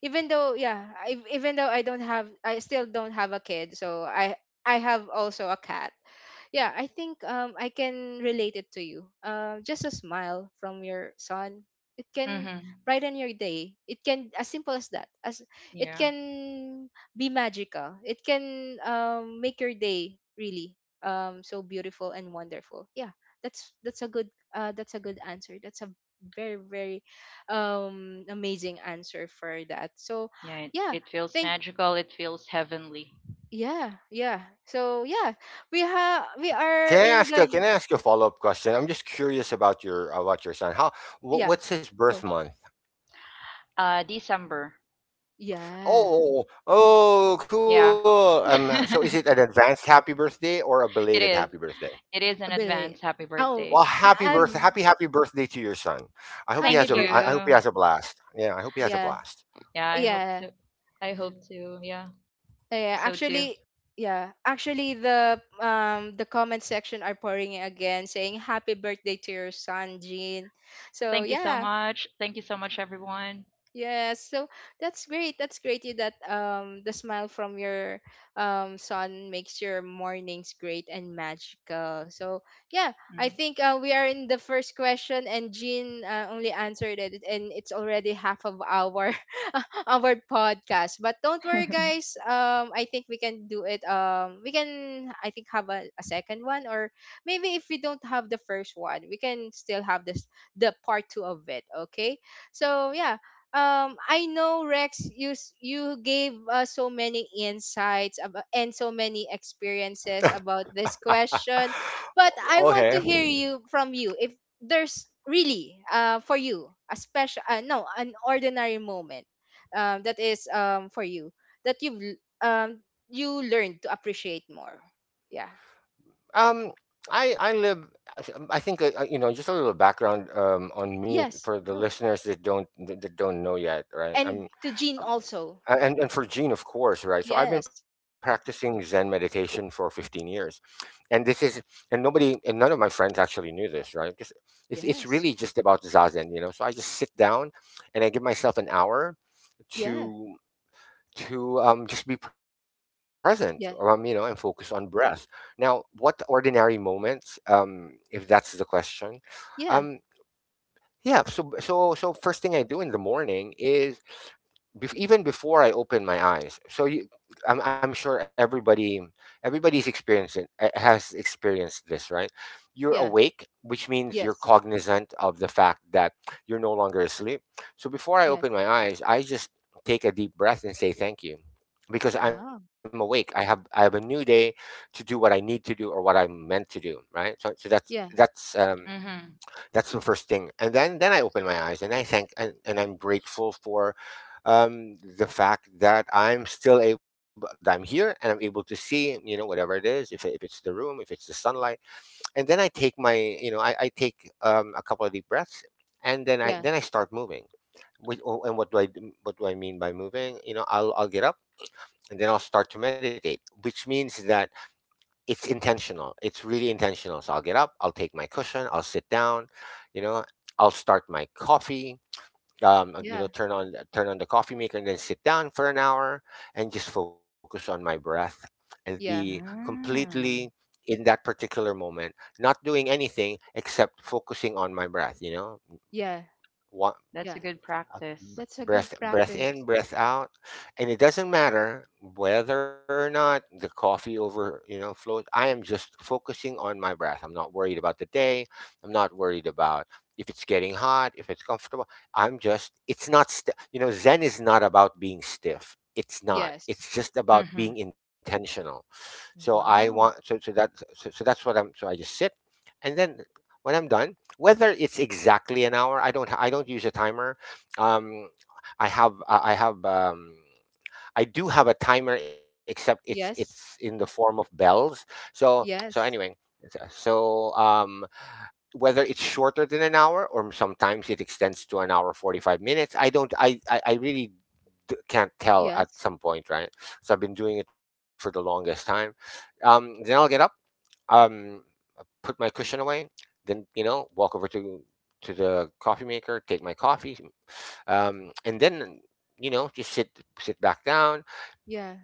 A: even though yeah, even though I still don't have a kid, so I have also a cat. Yeah, I think I can relate it to you. Just a smile from your son, it can
C: mhm.
A: brighten your day. It can, as simple as that. As it
C: Yeah.
A: can be magical. It can make your day really so beautiful and wonderful. Yeah, that's a good uh, that's a good answer. That's a very, very amazing answer for that. So
C: Yeah, it,
A: yeah,
C: it feels
A: think
C: magical. It feels heavenly.
A: yeah, yeah. So yeah, we are
B: Can I
A: in
B: ask
A: the
B: you? Can I ask you a follow up question? I'm just curious about your son. How? What,
A: Yeah.
B: what's his birth
A: Cool.
B: month?
C: Uh, December.
A: Yeah.
B: Oh, oh,
C: Yeah.
B: cool. So is
C: it
B: it an advanced happy birthday or a belated
C: is.
B: happy birthday?
C: It is in
A: Ability.
C: advance happy
A: Oh,
C: birthday.
B: Well,
A: ha-
B: happy birthday,
A: I've-
B: happy birthday to your son. I hope he
A: happy
B: has
C: Thank
B: a,
A: birthday.
B: I hope he
C: you.
B: has a blast. Yeah, I hope he has a
A: Yeah.
B: blast.
C: Yeah, I hope
A: Yeah.
C: to. I hope to. Yeah.
A: Yeah.
C: So too.
A: Actually, yeah. Actually, the comment section are pouring in again, saying happy birthday to your son, Jean. So
C: Thank you so
A: yeah,
C: much. Thank you so much, everyone.
A: yes, so that's great. That's great, you that the smile from your son makes your mornings great and magical. So yeah, I
C: Hmm
A: think we are in the first question, and Jean only answered it, and it's already half of our our podcast. But don't worry, guys. Um, I think we can do it, we can I think, have a second one. Or maybe if we don't have the first one, we can still have this the part 2 of it, okay? So yeah, um, I know, Rex, you gave us so many insights about, and so many experiences about this question, but I want
B: Okay.
A: to hear you from you if there's really uh, for you a special no, an ordinary moment that is for you that you learned to appreciate more. Yeah,
B: Um, I live. I think you know, just a little background on me
A: yes,
B: for the
A: go,
B: listeners that don't know yet, right? I'm
A: and to Jean also,
B: A- and for Gene, of course, right? So I've been
A: yes,
B: practicing Zen meditation for 15 years, and this is and nobody and none of my friends actually knew this, right? Because it's really
A: yes,
B: just about zazen, you know. So I just sit down, and I give myself an hour
A: yeah,
B: to to just be present, you know, and focus
A: yeah,
B: on breath. Now, what ordinary moments, if that's the question, um,
A: yeah,
B: yeah, so so first thing I do in the morning is even before I open my eyes. I'm sure everybody everybody's experiencing has experienced this, right? You're
A: yeah,
B: awake, which means you're
A: yes.
B: cognizant of the fact that you're no longer asleep. So before I
A: Yes.
B: open my eyes, I just take a deep breath and say thank you because I'm
A: Wow.
B: awake. I have a new day to do what I need to do or what I'm meant to do, right? So so that's
A: Yeah.
B: that's um
C: hmm
B: that's the first thing, and then I open my eyes and I thank and I'm grateful for the fact that I'm still able, that I'm here and I'm able to see, you know, whatever it is, if it's the room, if it's the sunlight, and then I take my, you know, I take a couple of deep breaths, and then I
A: Yeah.
B: start moving. And what do what do I mean by moving? You know, I'll get up and then I'll start to meditate, which means that it's intentional. It's really intentional. So I'll get up, I'll take my cushion, I'll sit down, you know, I'll start my coffee, you know,
A: Yeah.
B: turn on turn on the coffee maker and then sit down for an hour and just focus on my breath and be
A: Yeah.
B: completely
C: mm,
B: in that particular moment, not doing anything except focusing on my breath, you know.
A: Yeah.
B: One,
C: that's a
A: Yeah.
C: good
B: uh, b-
C: practice.
A: That's a good
B: breath breath
A: practice.
B: in, breath out, and it doesn't matter whether or not the coffee over you know flows. I am just focusing on my breath. I'm not worried about the day. I'm not worried about if it's getting hot, if it's comfortable. I'm just, it's not st- you know, Zen is not about being stiff. It's not
A: Yes.
B: It's just about
C: Hmm
B: being intentional. So I want
A: Wow.
B: so so that so, So that's what I'm, so I just sit, and then when I'm done, whether it's exactly an hour, I don't use a timer. Um, I have I I have um, I do have a timer, except it's in
A: Yes.
B: the form of bells. So so anyway,
A: Yes.
B: so so, whether it's shorter than an hour or sometimes it extends to an hour 45 minutes, I don't I really can't tell at
A: Yes.
B: some point, right? So I've been doing it for the longest time. Um, then I'll get up, um, put my cushion away, then you know, walk over to the coffee maker, take my coffee, um, and then you know just sit, sit back down
A: Yeah.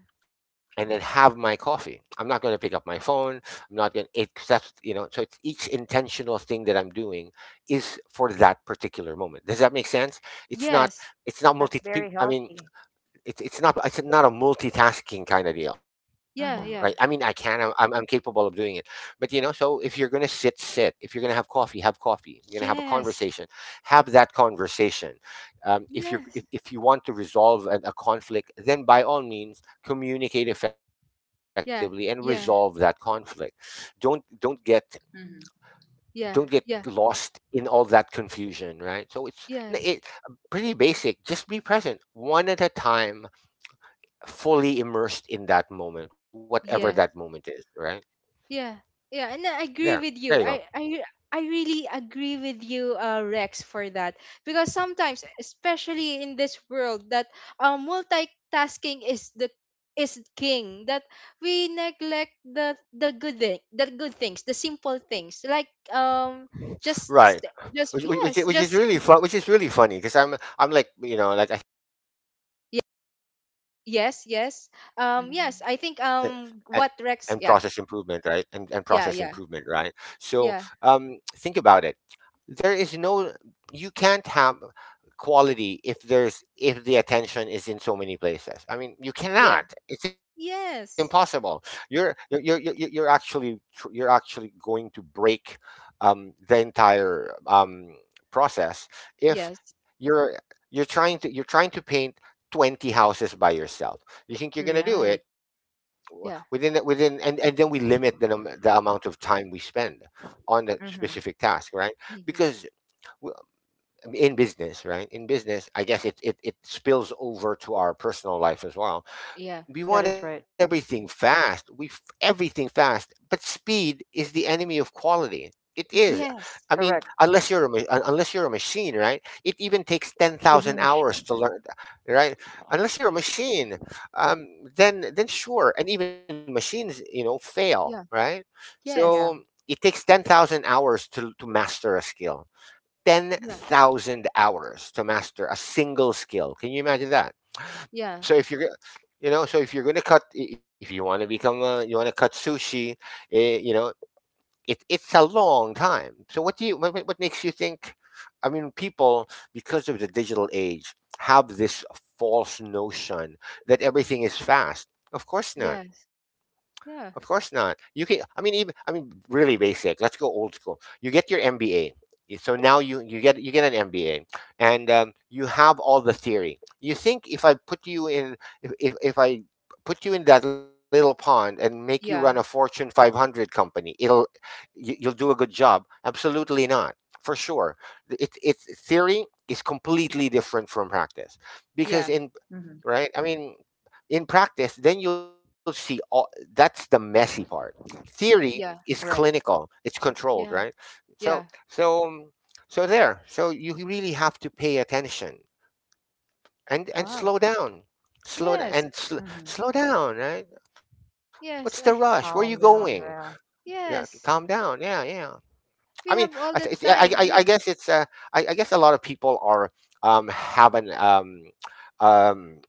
B: and then have my coffee. I'm not going to pick up my phone. I'm not going to, that's, you know, so it's each intentional thing that I'm doing is for that particular moment. Does that make sense? It's
A: Yes.
B: not,
C: That's
B: it's not
C: very
B: multi, peop- I
C: healthy.
B: mean, it's not a multitasking kind of deal, right? I
A: Yeah.
B: mean,
C: Mm-hmm.
A: Yeah.
B: I'm capable of doing it, but you know, so if you're gonna sit, sit. If you're gonna have coffee, have coffee. You're gonna have a
A: Yes.
B: conversation, have that conversation.
A: Yes.
B: If you want to resolve a conflict, then by all means communicate effectively and
A: Yeah.
B: resolve that
A: Yeah.
B: conflict. Don't don't get
C: hmm
B: don't get
A: Yeah. Yeah.
B: lost in all that confusion, right? So
A: Yes.
B: pretty basic. Just be present, one at a time, fully immersed in that moment, whatever that
A: Yes.
B: moment is, right?
A: Yeah, yeah, and I
B: There,
A: agree with
B: there you
A: you.
B: go.
A: I really agree with you, Rex, for that, because sometimes, especially in this world, that multitasking is the is king. That we neglect the good thing, the good things, the simple things, like
B: Right,
A: just yes,
B: which is
A: just
B: really fun, which is really funny because I'm like you know like
A: ye- yes, yes,
C: hmm hmm
A: yes. I
B: I,
A: think
B: I-
A: what
B: and
A: Rex?
B: process
A: Yeah,
B: improvement, right?
A: yeah, yeah,
B: So
A: yeah,
B: think about it. There is no, you can't have quality if there's, if the attention is in so many places. I mean, you
A: yeah.
B: cannot, it's impossible.
A: Yes,
B: You're actually going to break the entire process if
A: yes,
B: you're you're trying to paint 20 houses by yourself. You think you're going to do
A: right.
B: it
A: Yeah.
B: within, and then we limit the the amount of time we spend on that specific
C: hmm
B: task, right? Because
A: Hmm.
B: well, in business, right? In business, I guess it, it spills over to our personal life as well.
A: Yeah.
B: We
C: That
B: want
C: is right.
B: everything fast. Everything fast, but speed is the enemy of quality. It is. I
A: Yes.
B: mean,
C: Correct.
B: unless you're a unless you're a machine, right? It even takes ten
C: Even
B: thousand hours
C: machine.
B: to learn, right? Unless you're a machine, um, then sure. And even machines, you know, fail,
A: Yeah.
B: right? So
A: Yes.
C: Yeah.
B: it takes 10,000 hours to master a skill,
A: Yeah.
B: 10,000 hours to master a single skill. Can you imagine that?
A: Yeah.
B: So if you're, you know, so if you're going to cut, if you want to become a, you want to cut sushi, eh, you know, it, it's a long time. So what do you, what makes you think, I mean, people, because of the digital age, have this false notion that everything is fast. Of course not.
A: Yes.
B: Of
A: Yeah.
B: course not. You can. I mean, even. I mean, really basic. Let's go old school. You get your MBA. So now you get an MBA, and you have all the theory. You think if I put you in if I put you in that little pond and make you run a
A: Yeah.
B: Fortune 500 company, it'll you'll do a good job. Absolutely not, for sure. It It, theory is completely different from practice because
A: Yeah.
B: in
C: hmm
B: right, I mean, in practice, then you'll see all, that's the messy part. Theory is
A: Yeah.
C: Right.
B: clinical; it's controlled, right?
A: Yeah.
B: So,
A: Yeah.
B: so, um, so there. So you really have to pay attention and
A: Wow.
B: slow down, slow d-
A: Yes.
B: and sl-
C: hmm
B: slow down, right? What's the
A: Yes.
B: rush? Where are you
C: Calm
B: going?
C: down. Yeah.
B: Yeah, calm
A: Yes.
B: down. Yeah, yeah. I mean,
A: We have all the
B: I
A: time.
B: guess
A: Yeah.
B: it's I guess a lot of people are have an um,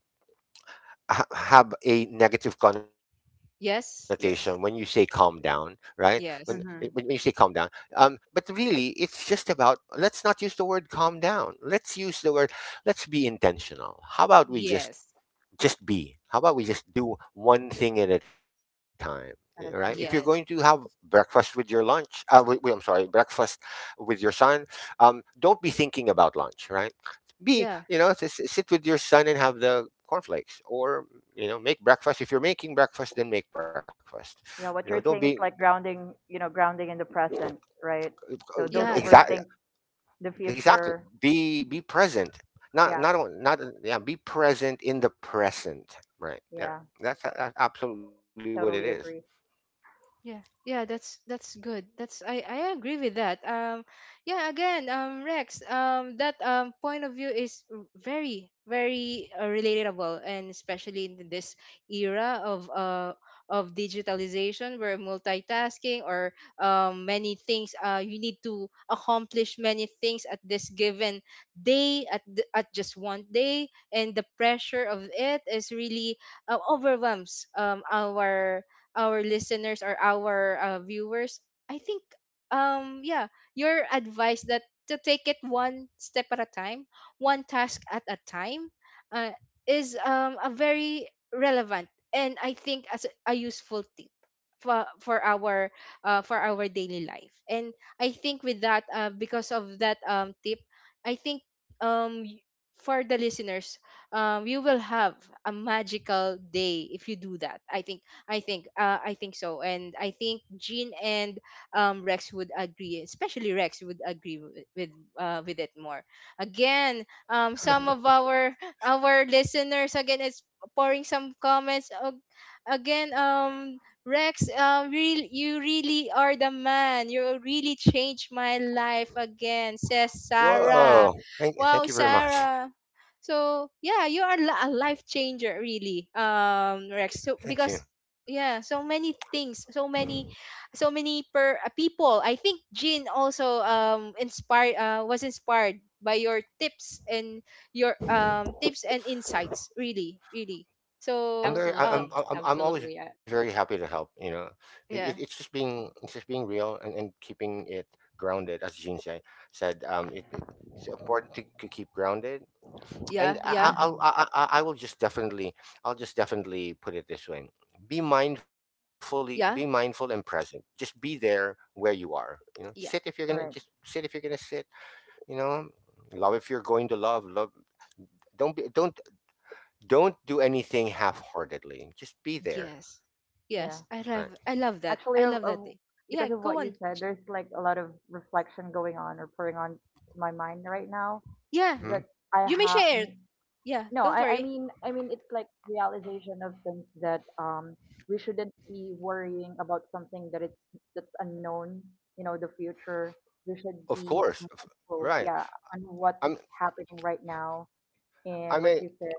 B: have a negative connotation when you say calm
A: Yes.
B: down,
A: Yes.
B: right? When you say calm
A: Yes.
B: down,
C: hmm
B: but really it's just about, let's not use the word calm down. Let's use the word, let's be intentional. How about we
A: Yes.
B: just be. How about we just do one thing at a time, eh, right? If you're going
C: At a
B: to
C: time.
B: have
C: Yeah.
A: Yes.
B: breakfast with your lunch, I'm sorry, breakfast with your son, don't be thinking about lunch, right? Be, you
A: Yeah.
B: know, sit with your son and have the cornflakes, or you know, make breakfast. If you're making breakfast, then make breakfast. You know,
C: Yeah.
B: don't
C: What you're
B: be
C: saying is like grounding. You know, grounding in the present. Right. So
A: Yeah.
C: don't
A: Yeah.
B: exactly
C: overthink the
B: exactly
C: future.
B: be present. Not
C: Yeah.
B: not yeah. Be present in the present, right there.
C: Yeah.
B: That's absolutely what it is.
C: Totally agree.
A: Yeah, yeah, that's good. That's I agree with that. Yeah, again, Rex, that point of view is very, very relatable, and especially in this era of uh, of digitalization, where multitasking or many things you need to accomplish many things at this given day at the, at just one day, and the pressure of it is really overwhelms um, our listeners, or our viewers, I think yeah, your advice that to take it one step at a time, one task at a time, uh, is a very relevant, and I think as a useful tip for for our for our daily life. And I think with that because of that um, tip, I think um y- for the listeners you will have a magical day if you do that. I think, I think I think so, and I think Jean and Rex would agree, especially Rex would agree with it more. Again,
C: Mm-hmm.
A: some of our listeners again is pouring some comments. Again, Rex, real you really are the man. You really changed my life again, says
B: Whoa!
A: Sarah.
B: Thank you
A: Wow,
B: very much.
A: Sarah. So yeah, you are a life changer, really, Rex. So
B: Thank you.
A: because, yeah, so many things, so many so many per people, I think Jean also inspired was inspired by your tips and your tips and insights, really, really.
B: I'm
A: so
C: Absolutely.
B: very,
A: uh
C: Absolutely.
B: I'm always very happy to help. You know,
A: yeah,
B: it's just being real and keeping it grounded, as Jean said. It it's important to keep grounded,
A: yeah,
B: and
A: yeah,
C: Mm-hmm.
B: I will just definitely, I'll just definitely put it this way: be mindfully, be mindful
A: yeah,
B: and present. Just be there where you are. You know, sit if you're
A: yeah.
B: gonna, just
C: Right.
B: sit if you're gonna sit. You know, love if you're going to love. don't be, don't don't do anything half-heartedly, just be there,
A: Yes,
B: right?
A: yes,
C: Yeah.
A: I love, that
C: Actually,
A: I love that
C: of
A: thing. Yeah,
C: because of
A: go
C: what you
A: on,
C: said,
A: J-.
C: there's like a lot of reflection going on or pouring on to my mind right now
A: Yeah,
B: Hmm.
C: that I
A: you may
C: have.
A: share it. Yeah,
C: No,
A: don't
C: I
A: worry.
C: mean, it's like realization of things that we shouldn't be worrying about something that it's that's unknown. You know, the future. We should
B: Of
C: be
B: course,
C: mindful,
B: right.
C: yeah, on what's
B: i'm
C: happening right now
B: I
C: and what
B: mean,
C: you said,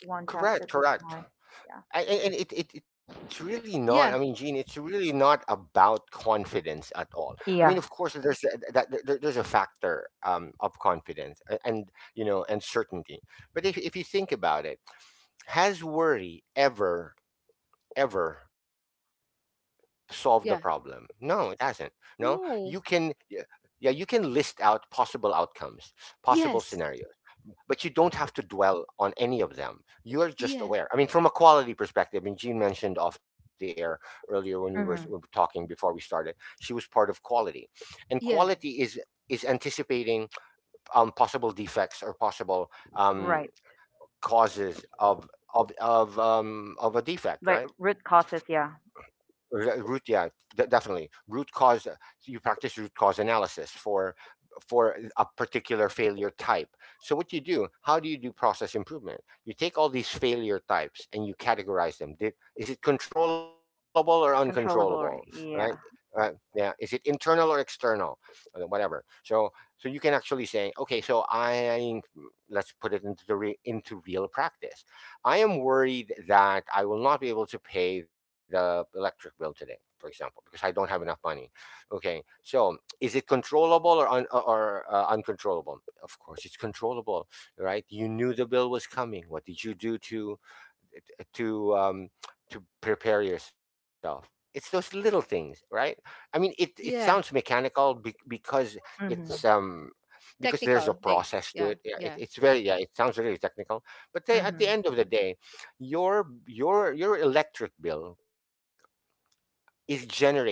C: one task at
B: correct
C: a
B: correct
C: time. Yeah.
B: And it's really not, I mean, Gene,
A: Yeah,
B: it's really not about confidence at all. I mean, of course,
C: Yeah.
B: there's a factor of confidence and you know and certainty. But if you think about it, has worry ever solve the problem?
A: yeah.
B: No, it hasn't. No, you can,
A: No.
B: yeah, yeah, you can list out possible outcomes, possible
A: Yes.
B: scenarios, but you don't have to dwell on any of them. You are just
A: Yeah,
B: aware. I mean, from a quality perspective, and Jean mentioned off the air earlier when we were
C: Mm-hmm.
B: talking before we started, she was part of quality, and
A: yeah,
B: quality is anticipating possible defects or possible um,
C: Right.
B: causes of a defect,
C: Like
B: right?
C: root causes, yeah.
B: Root, yeah. Definitely root cause. You practice root cause analysis for a particular failure type. So what you do, how do you do process improvement? You take all these failure types and you categorize them. Is it controllable or
C: Controllable, right?
B: uncontrollable?
C: Yeah.
B: Right. Yeah, is it internal or external? Whatever. So you can actually say, okay, so I let's put it into the into real practice. I am worried that I will not be able to pay the electric bill today, for example, because I don't have enough money. Okay, so is it controllable or un- or uncontrollable? Of course, it's controllable, right? You knew the bill was coming. What did you do to um, to prepare yourself? It's those little things, right? I mean, it sounds
A: yeah.
B: mechanical because it's
C: Mm-hmm.
B: because there's a
A: Technical, like,
B: process to it.
A: yeah,
B: Yeah, it.
A: yeah.
B: It's very, yeah. It sounds really technical, but they, at the
C: Mm-hmm.
B: end of the day, your electric bill is generated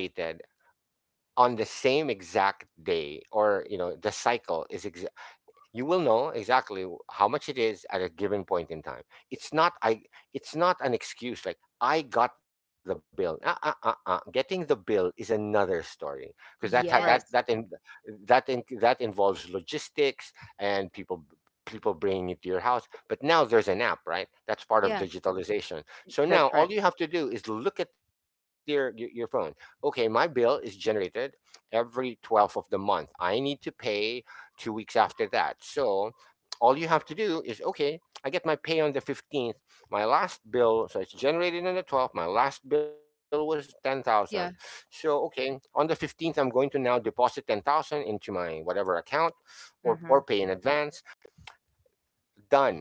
B: on the same exact day, or you know, the cycle is ex- you will know exactly how much it is at a given point in time. it's not i it's not an excuse like I got the bill, getting the bill is another story, because that ha- that that
C: Right.
B: in,
A: Yes,
B: that in, that involves logistics and people bringing it to your house. But now there's an app, right? That's part of
A: yeah,
B: digitalization. So
C: That's
B: now
C: right.
B: all you have to do is look at your phone. Okay, my bill is generated every 12th of the month. I need to pay 2 weeks after that. So all you have to do is, okay, I get my pay on the 15th. My last bill, so it's generated on the 12th. My last bill was 10,000.
A: yeah,
B: So okay, on the 15th, I'm going to now deposit 10,000 into my whatever account, or
C: Mm-hmm.
B: pay in advance. Done.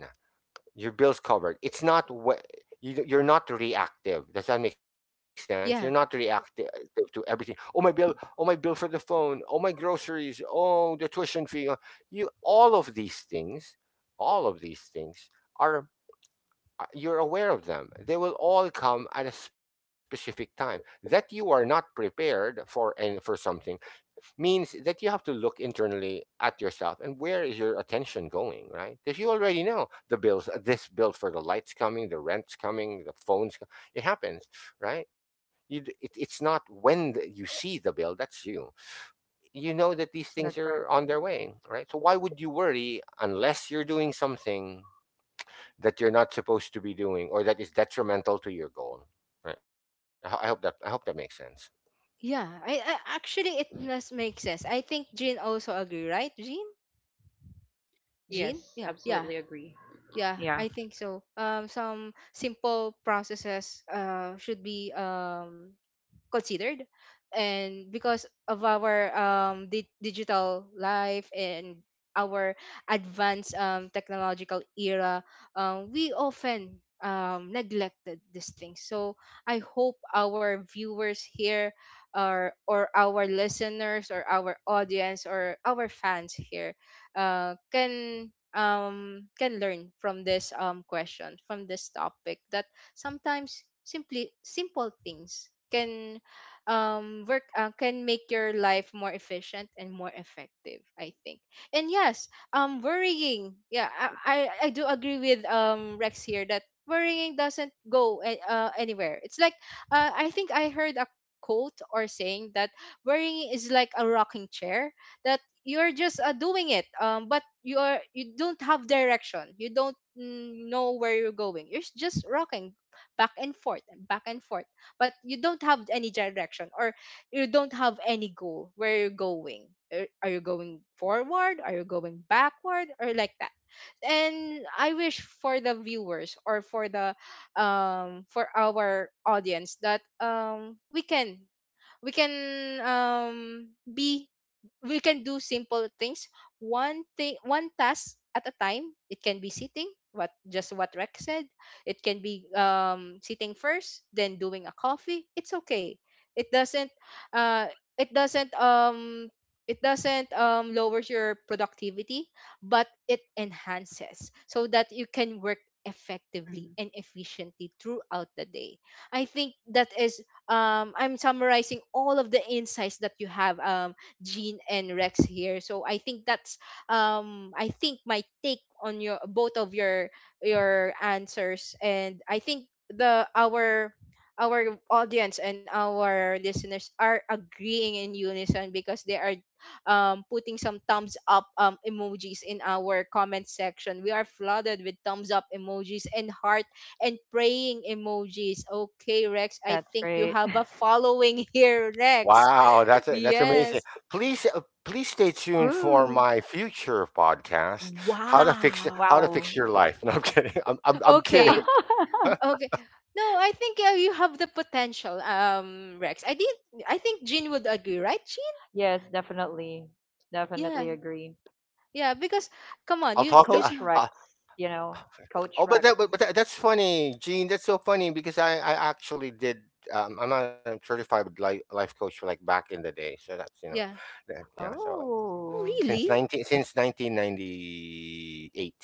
B: Your bill's covered. It's not what you, you're not reactive. Does that make sense? You're not
A: yeah,
B: reactive to everything. Oh, my bill, oh, my bill for the phone, oh, my groceries, oh, the tuition fee. You, all of these things, all of these things are, you're aware of them. They will all come at a specific time that you are not prepared for, and for something means that you have to look internally at yourself and where is your attention going, right? Because you already know the bills, this bill for the lights coming, the rent's coming, it happens, right? It's not when you see the bill, that's you. You know that these things
C: That's right.
B: are on their way, right? So why would you worry unless you're doing something that you're not supposed to be doing or that is detrimental to your goal? Right? I hope that makes sense.
A: yeah. I actually, it does make sense. I think Jean also agree, right, Jean?
C: Yes,
A: Jean, yeah,
C: absolutely
A: yeah,
C: agree. Yeah.
A: yeah. I think so. Um, some simple processes should be considered. And because of our digital life and our advanced technological era, we often neglected these things. So I hope our viewers here, or our listeners, or our audience, or our fans here uh, can can learn from this question, from this topic, that sometimes simply simple things can work, can make your life more efficient and more effective, I think. And yes, worrying, yeah, I do agree with Rex here that worrying doesn't go anywhere. It's like, I think I heard a quote or saying that worrying is like a rocking chair, that you're just doing it, but you are, you don't have direction, you don't, know where you're going. You're just rocking back and forth and back and forth, but you don't have any direction, or you don't have any goal where you're going. Are you going forward, are you going backward, or like that? And I wish for the viewers, or for the for our audience, that we can, we can be, we can do simple things, one thing, one task at a time. It can be sitting, what just what Rex said. It can be, sitting first, then doing a coffee. It's okay, it doesn't, uh it doesn't, it doesn't, lowers your productivity, but it enhances, so that you can work
C: hmm
A: effectively and efficiently throughout the day. I think that is, I'm summarizing all of the insights that you have, Gene and Rex here. So I think that's, I think my take on your, both of your answers. And I think the our audience and our listeners are agreeing in unison, because they are putting some thumbs up emojis in our comment section. We are flooded with thumbs up emojis and heart and praying emojis. Okay, Rex, I
C: That's
A: think you
C: great.
A: have a following here, Rex.
B: Wow, that's amazing.
A: Yes.
B: Please stay tuned for
C: Ooh.
B: my future podcast: how to fix
A: Wow.
C: Wow.
B: your life. No, I'm kidding. I'm kidding.
C: Yeah.
A: Okay. Okay. No, I think you have the potential, Rex. I did. I think Jean would agree, right, Jean?
C: Yes, definitely.
A: Yeah,
C: Definitely agree.
A: yeah. Because come on,
B: I'll talk to
C: Coach
B: I,
C: Rex, you know, Coach
B: Oh, but
C: Rex.
B: that's funny, Gene. That's so funny because I actually did. I'm a certified life coach, like back in the day. So that's, you know,
A: yeah.
B: yeah. So like
A: Oh,
C: Oh,
A: really?
B: since 1998.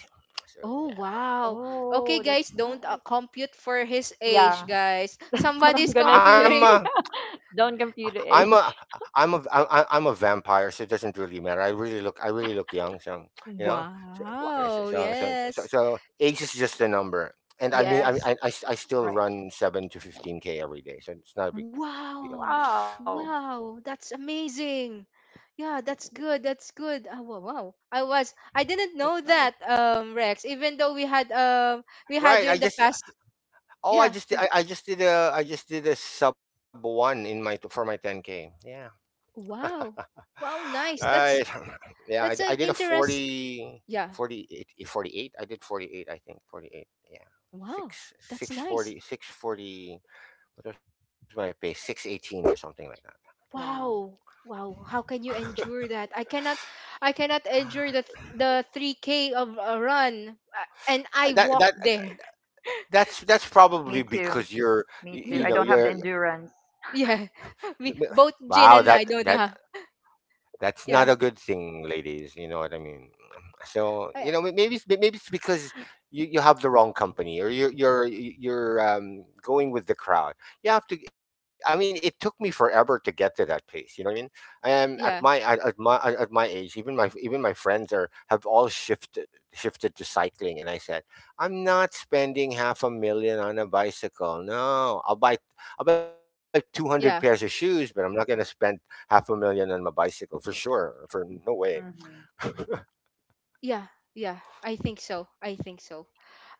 B: So
A: Oh,
B: yeah,
A: wow. Okay,
C: oh, that's
A: guys, don't
C: nice.
A: compute for his age,
C: Yeah,
A: guys.
C: that's what I'm
A: Somebody's
C: gonna
B: I'm a
C: say.
A: computing.
C: Don't compute
B: I'm
C: the
B: a
C: age.
B: I'm a vampire. So it doesn't really matter. I really look young. So, you know, so yeah,
C: Wow,
A: Wow. Yes.
B: age is just a number. And I mean,
A: Yes.
B: I still
C: right.
B: run 7 to 15 k every day, so it's not a big deal.
A: Wow!
C: Wow,
A: Wow, that's amazing.
C: that's nice.
A: Yeah, that's good. That's good. Oh,
C: Very
A: wow, wow.
C: healthy.
A: I didn't know that, Rex, even though we had
B: Right.
A: you
B: I
A: in the
B: just
A: past.
B: Oh,
A: Yeah, g-.
B: I just did a sub one in my for my 10k. Yeah,
A: Wow. Wow, nice.
B: I yeah, I
A: That's
B: did a
A: an interest.
B: 40
A: Yeah.
B: 48 48. I did 48. I think 48. Yeah,
A: Wow.
B: six
A: That's
B: six
A: nice.
B: forty six forty. What was my pace? 6:18 or something like that.
C: Wow.
A: Wow. Wow. How can you endure that? I cannot, I cannot endure
B: Yeah.
A: the 3K of a run and I
B: That
A: walked
B: that
A: there.
C: Me
B: that's
C: too.
B: probably
C: Me
B: because
C: too.
B: you're
C: I don't have the
B: you know
C: endurance.
B: you're,
A: Yeah, we
B: wow,
A: both, Jin and I, don't know.
B: that's not a good
A: Yeah.
B: thing, ladies. You know what I mean? So, you
A: I,
B: know, maybe it's because you have the wrong company or you're going with the crowd. You have to. I mean, it took me forever to get to that place. You know what I mean?
A: yeah,
B: At my age, even my friends are have all shifted to cycling, and I said, I'm not spending half a million on a bicycle. No, I'll buy 200 pairs of
A: yeah,
B: shoes, but I'm not going to spend half a million on my bicycle, for sure. For no way.
C: Mhm.
A: yeah, yeah. I think so. I think so.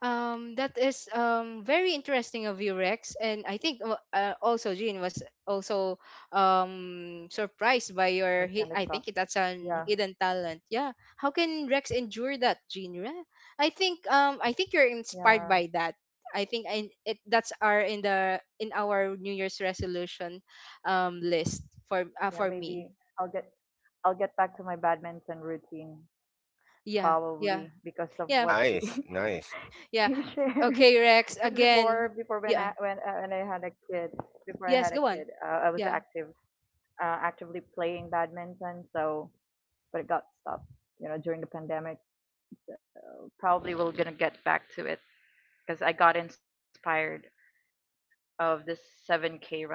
A: That is very interesting of you, Rex, and I think, also Jean was also surprised by
C: I was
A: your,
C: kind of
A: hi-, I
C: shocked.
A: think that's
C: Yeah,
A: an hidden talent. Yeah, how can Rex endure that, Jean? Yeah. I think, I think you're
C: yeah,
A: inspired by that. I think it, that's our, in the, in our New Year's resolution list for,
C: yeah.
A: for me.
C: Maybe I'll get I'll get back to my badminton routine
A: Yeah, yeah,
C: probably because of
A: yeah,
C: what he,
B: Nice, nice.
C: he
A: yeah.
C: shared.
A: Okay, Rex.
C: Because
A: Again,
C: before
A: yeah.
C: when I had a kid before I
A: Yes,
C: had a
A: go on.
C: kid, I was
A: Yeah,
C: active, actively playing badminton. So, but it got stopped, you know, during the pandemic. So probably we're gonna get back to it because I got inspired of this 7K running.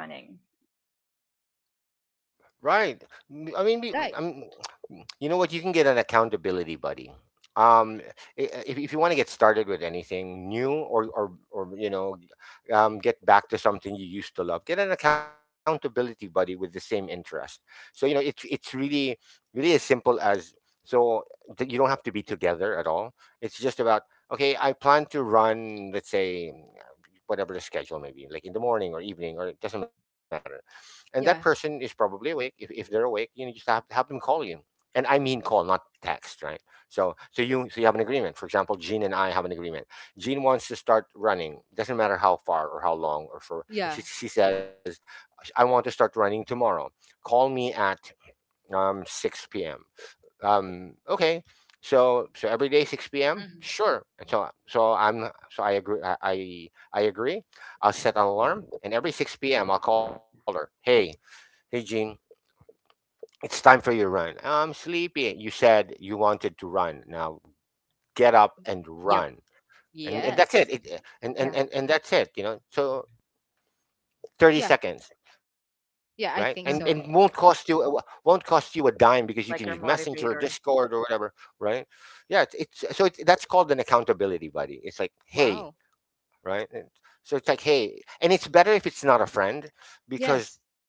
B: Right. I mean,
A: right.
B: I mean, you know what? You can get an accountability buddy. Um, if you want to get started with anything new, or, you know, get back to something you used to love, get an accountability buddy with the same interest. So, you know, it's really as simple as, so that you don't have to be together at all. It's just about, okay, I plan to run, let's say, whatever the schedule may be, like in the morning or evening, or it doesn't matter, and that person is
A: Yeah.
B: probably awake. If they're awake, you know, just have them call you, and I mean call, not text, right? So you have an agreement. For example, Jean and I have an agreement. Jean wants to start running. Doesn't matter how far or how long or for.
A: Yeah.
B: She says, I want to start running tomorrow. Call me at 6 p.m. Okay. So
C: Mm-hmm.
B: every day 6 p.m. Sure. And I agree, I agree. I'll set an alarm and every 6 p.m. I'll call her. Hey, Jean, it's time for your run. I'm sleepy. You said you wanted to run. Now get up
C: Yeah.
B: and
A: Yep.
B: run. And that's it.
A: Yes.
B: And that's it, you know. So
C: Mm-hmm.
B: 30
A: Yeah.
B: seconds, right? And
A: Yeah, I think so.
C: Like your
B: won't
C: motivator.
B: cost you a dime because you can use Messenger, Discord, or whatever, right? Yeah, it's that's called an accountability buddy. It's like, "Hey,"
A: Wow.
B: right? And so it's like, "Hey." And it's better if it's not a friend
A: Yes.
B: because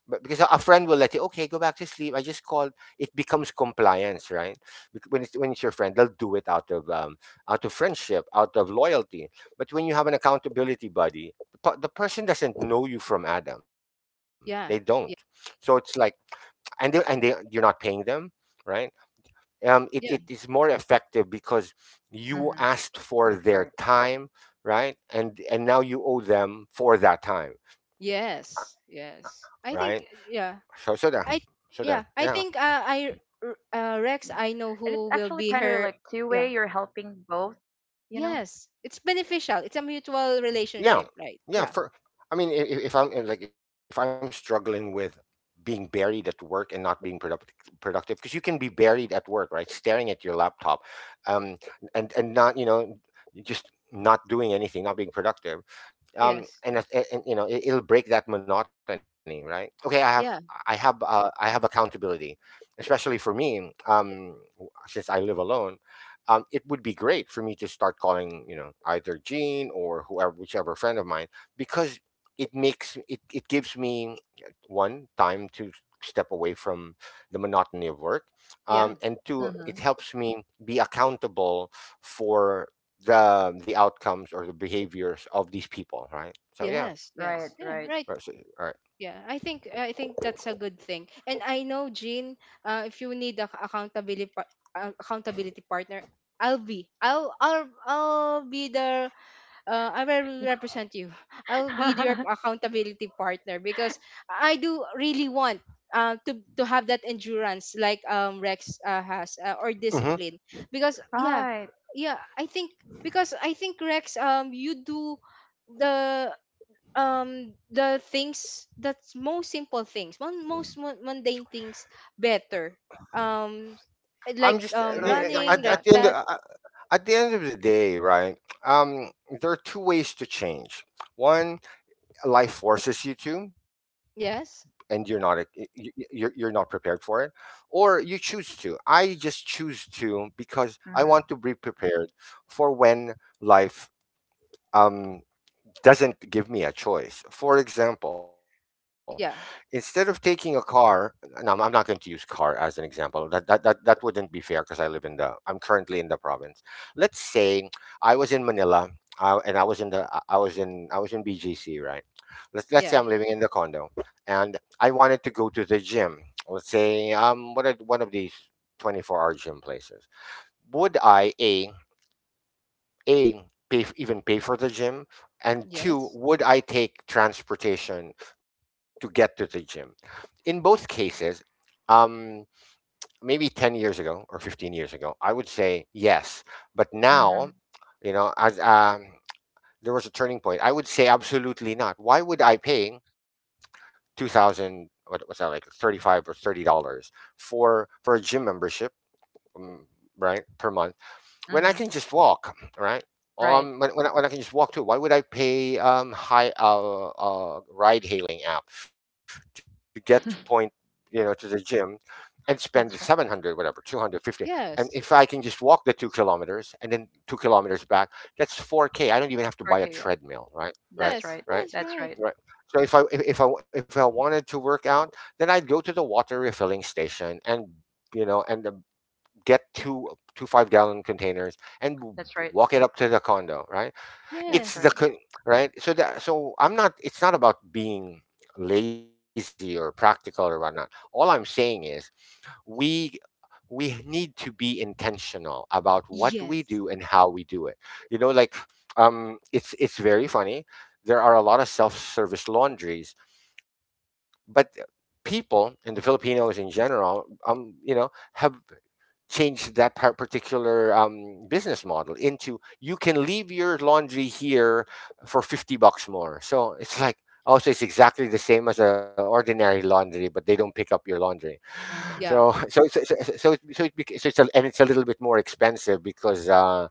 B: but because a friend will let you, okay, go back to sleep, I just called. It becomes compliance, right? When it's your friend, they'll do it out of friendship, out of loyalty. But when you have an accountability buddy, the person doesn't know you from Adam. They don't.
A: Yeah. Yeah.
B: So it's like, and they, you're not paying them, right? It
A: Yeah.
B: is more effective
C: Mm-hmm.
B: because you
C: That's right.
B: asked for their time, right, and now you owe them for that time,
A: Yes.
B: right?
A: Yes. I think,
B: There,
A: yeah. I
B: Yeah,
A: Yeah, I think,
C: Yeah.
A: I
C: And it's actually kind of like
A: Rex, I
C: two
A: know
C: way. You're
A: who will be
C: helping
A: her.
C: both,
A: Yeah.
C: you know?
A: Yes, it's beneficial. It's a mutual
B: yeah,
A: relationship, right?
B: yeah.
A: Yeah.
B: For, I mean, if I'm if, like, if I'm struggling with being buried at work and not being productive, because you can be buried at work, right? Staring at your laptop, um, and not just not doing anything, not being productive.
A: Yes.
B: And, if- and, it'll break that monotony, right? Okay, i have
A: Yeah.
B: i have uh, i have accountability, especially for me, since I live alone. It would be great for me to start calling, you know, either Gene or whoever, whichever friend of mine, because it makes it gives me one time to step away from the monotony of work,
A: Yeah.
B: and two,
C: Mm-hmm.
B: it helps me be accountable for the outcomes or the behaviors of these people, right? So yeah,
A: Yes. Yes.
C: Right,
A: Yeah, right.
C: right.
B: right. So, all right.
A: Yeah, I think, I think that's a good thing. And I know, Jean, if you need a accountability accountability partner, I'll be the I will represent you. I'll be your accountability partner, because I do really want to have that endurance like Rex has, or
B: Mm-hmm.
A: discipline, because yeah,
C: Right.
A: yeah, I think, because I think Rex, you do the the things that's most simple things, one most mundane things, better, um
B: I'm
A: like
B: just y- y-
C: Totally
A: running
C: agree
B: at
A: like
B: the
C: on
B: end
C: that.
A: that.
B: At the end of the day, right? Um, there are two ways to change. One, life forces you to, and you're not e- y-
A: Yes.
B: y- you're you're not prepared for it, or you choose to. I just choose to because I want to be
C: Mm-hmm.
B: prepared for when life um doesn't give me a choice. For
A: Y-.
B: example, instead of
A: Yeah.
B: taking a car— no, I'm not going to use car as an example. That wouldn't be fair because I'm currently in the province. Let's say I was in Manila, I, and I was in the I was in BGC, right? Let's say
A: Yeah.
B: I'm living in the condo, and I wanted to go to the gym. Let's say, what are one of these 24-hour gym places? Would I a a, pay f- even pay for the gym? And two,
A: Yes.
B: would I take transportation to get to the gym? In both cases, um, maybe 10 years ago or 15 years ago, I would say yes. But now,
C: Mm-hmm.
B: you know, as there was a turning point, I would say absolutely not. Why would I pay 2000— what was that, like 35 or $30— for a gym membership, mm, right? Per month? When I can just
C: Mm-hmm.
B: walk, right?
C: Right.
B: When, when, I, when I can just walk too, why would I pay high ride hailing app to get to point, you know, to the gym and spend 700,
C: That's
B: whatever,
C: right.
B: 250, and if I can
A: Yes.
B: just walk the 2 kilometers and then 2 kilometers back, that's 4k. I don't even have to buy a
C: Criteria.
B: treadmill, right? Right.
C: That's
A: Yes.
C: right.
B: Right.
A: Yes. Right.
C: That's
B: Right.
C: right.
B: So if I wanted to work out, then I'd go to the water refilling station and, you know, and get two five-gallon containers and
C: That's right.
B: walk it up to the condo, right? it's
C: That's
B: the
A: Yes.
C: right.
B: con- right. so that so I'm not— it's not about being lazy or practical or whatnot. All I'm saying is, we we need to be intentional about what we do and
A: Yes.
B: how we do it. You know, like, it's very funny. There are a lot of self-service laundries, but people, and the Filipinos in general, you know, have change that particular, business model into, you can leave your laundry here for 50 bucks more. So it's like, also, it's exactly the same as an ordinary laundry, but they don't pick up your laundry. So,
C: Mm-hmm.
A: Yeah.
B: so, so, so, so, so, it, so, it, bec- so it's a, and it's a little bit more expensive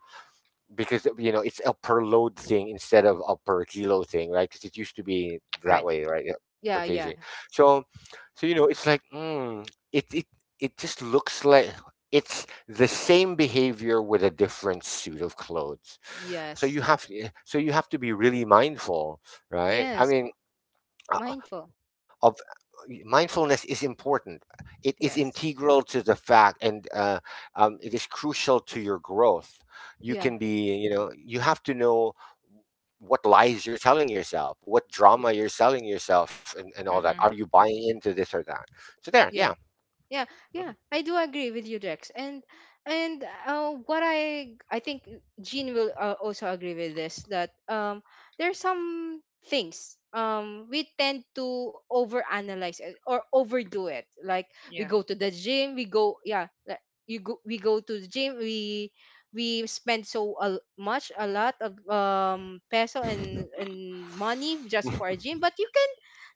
B: because, you know, it's a per load thing instead of a per kilo thing, right? Because it used to be that
C: Right.
B: way, right? Yeah, per
A: Yeah.
B: kg.
A: Yeah.
B: So, so, you know, it's like, it it it just looks like it's the same behavior with a different suit of clothes. So
A: Yes.
B: you have eh, so you have to be really mindful, right? I
A: Yes.
B: mean,
A: Mindful.
B: of mindfulness is important. It is integral
A: Yes.
B: to the fact, and it is crucial to your growth. You can
A: Yeah.
B: be, you know, you have to know what lies you're telling yourself, what
A: Yeah,
B: drama you're selling yourself, and, all that. Are
C: Mm-hmm.
B: you buying into this or that? So there,
A: yeah.
B: yeah.
A: Yeah, yeah,
B: Mhm.
A: I do agree with you, Dex. And what I think Jean will also agree with this, that there are some things we tend to overanalyze it or overdo it. Like, we
C: Yeah.
A: go to the gym, we go, yeah, like you go we go to the gym, we spend so much a lot of peso and money just for a gym, but you can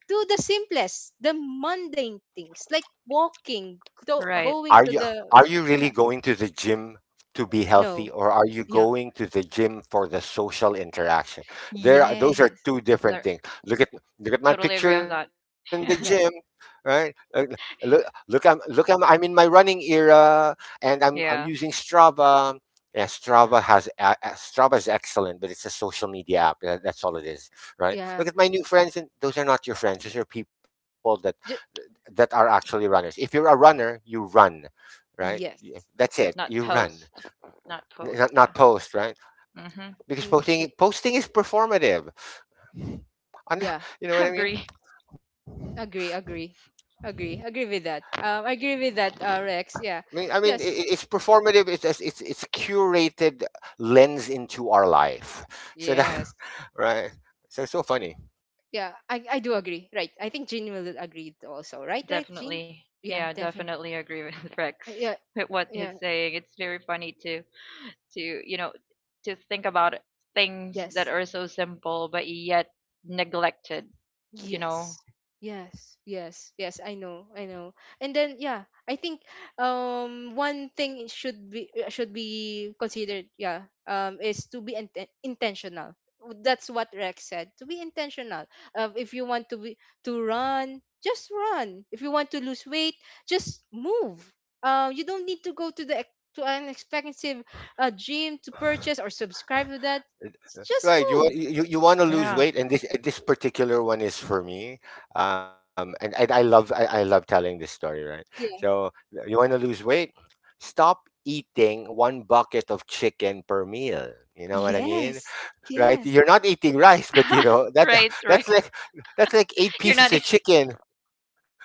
A: do the simplest, the mundane things like walking,
C: Right.
A: going
B: Are
A: to
B: you
A: the,
B: are you really
A: yeah,
B: going to the gym to be
A: no,
B: healthy, or are you
A: yeah,
B: going to the gym for the social interaction? Those are
A: yes,
B: two different
C: There,
B: things. Look at my
C: totally agree
B: picture
C: on
B: in the
C: that.
B: gym,
A: yeah,
B: right? Uh, Look, look, I'm look, I'm I'm in my running era, and I'm using
C: Yeah.
B: Strava. Yeah, Strava has Strava is excellent, but it's a social media app. That's all it is, right?
A: yeah,
B: Look at my new friends, and those are not your friends. Those are people that
A: Ju-,
B: that are actually runners. If you're a runner, you run, right?
A: yes,
B: Yeah, that's it.
C: Not
B: You run,
C: post. Not post.
B: Not
C: Yeah.
B: post, right?
C: Mm-hmm.
B: Because
A: Mm, y-,
B: posting is performative. And
A: yeah.
B: you know what I
C: Agree.
B: mean?
A: Agree, agree, agree, agree with that. I agree with that, Rex. Yeah, yes,
B: It's performative. It's just- it's a curated lens into our life. So
A: yes,
B: that, right. So funny.
A: yeah. I do agree. Right. I think Jean will agree also. Right, right, Jean.
C: Definitely.
A: Yeah,
C: Yeah,
A: definitely.
C: definitely agree with Rex
A: Yeah,
C: with what
A: yeah,
C: he's saying. It's very funny to, you know, to think about things that
A: yes.
C: are so simple but yet neglected, you know.
A: Yes. Yes, yes, yes, I know, I know. And then, yeah, I think, one thing it should be considered, yeah, is to be intentional. W- That's what Rex said. To be intentional. If you want to be to run, just run. If you want to lose weight, just move. You don't need to go to the ex-, to an expensive gym to purchase or subscribe to that. Just
B: Right, you
A: move.
B: want you, you want to lose
C: Yeah.
B: weight, and this particular one is for me. And I love telling this story, right?
A: Yeah.
B: So you want to lose weight, stop eating one bucket of chicken per meal. You know what I mean,
A: Yes.
B: right?
A: Yes.
B: You're not eating rice, but you
C: Right,
B: know that
C: right.
B: that's like that's
C: You're
B: like
C: not. In-
B: eight pieces of chicken.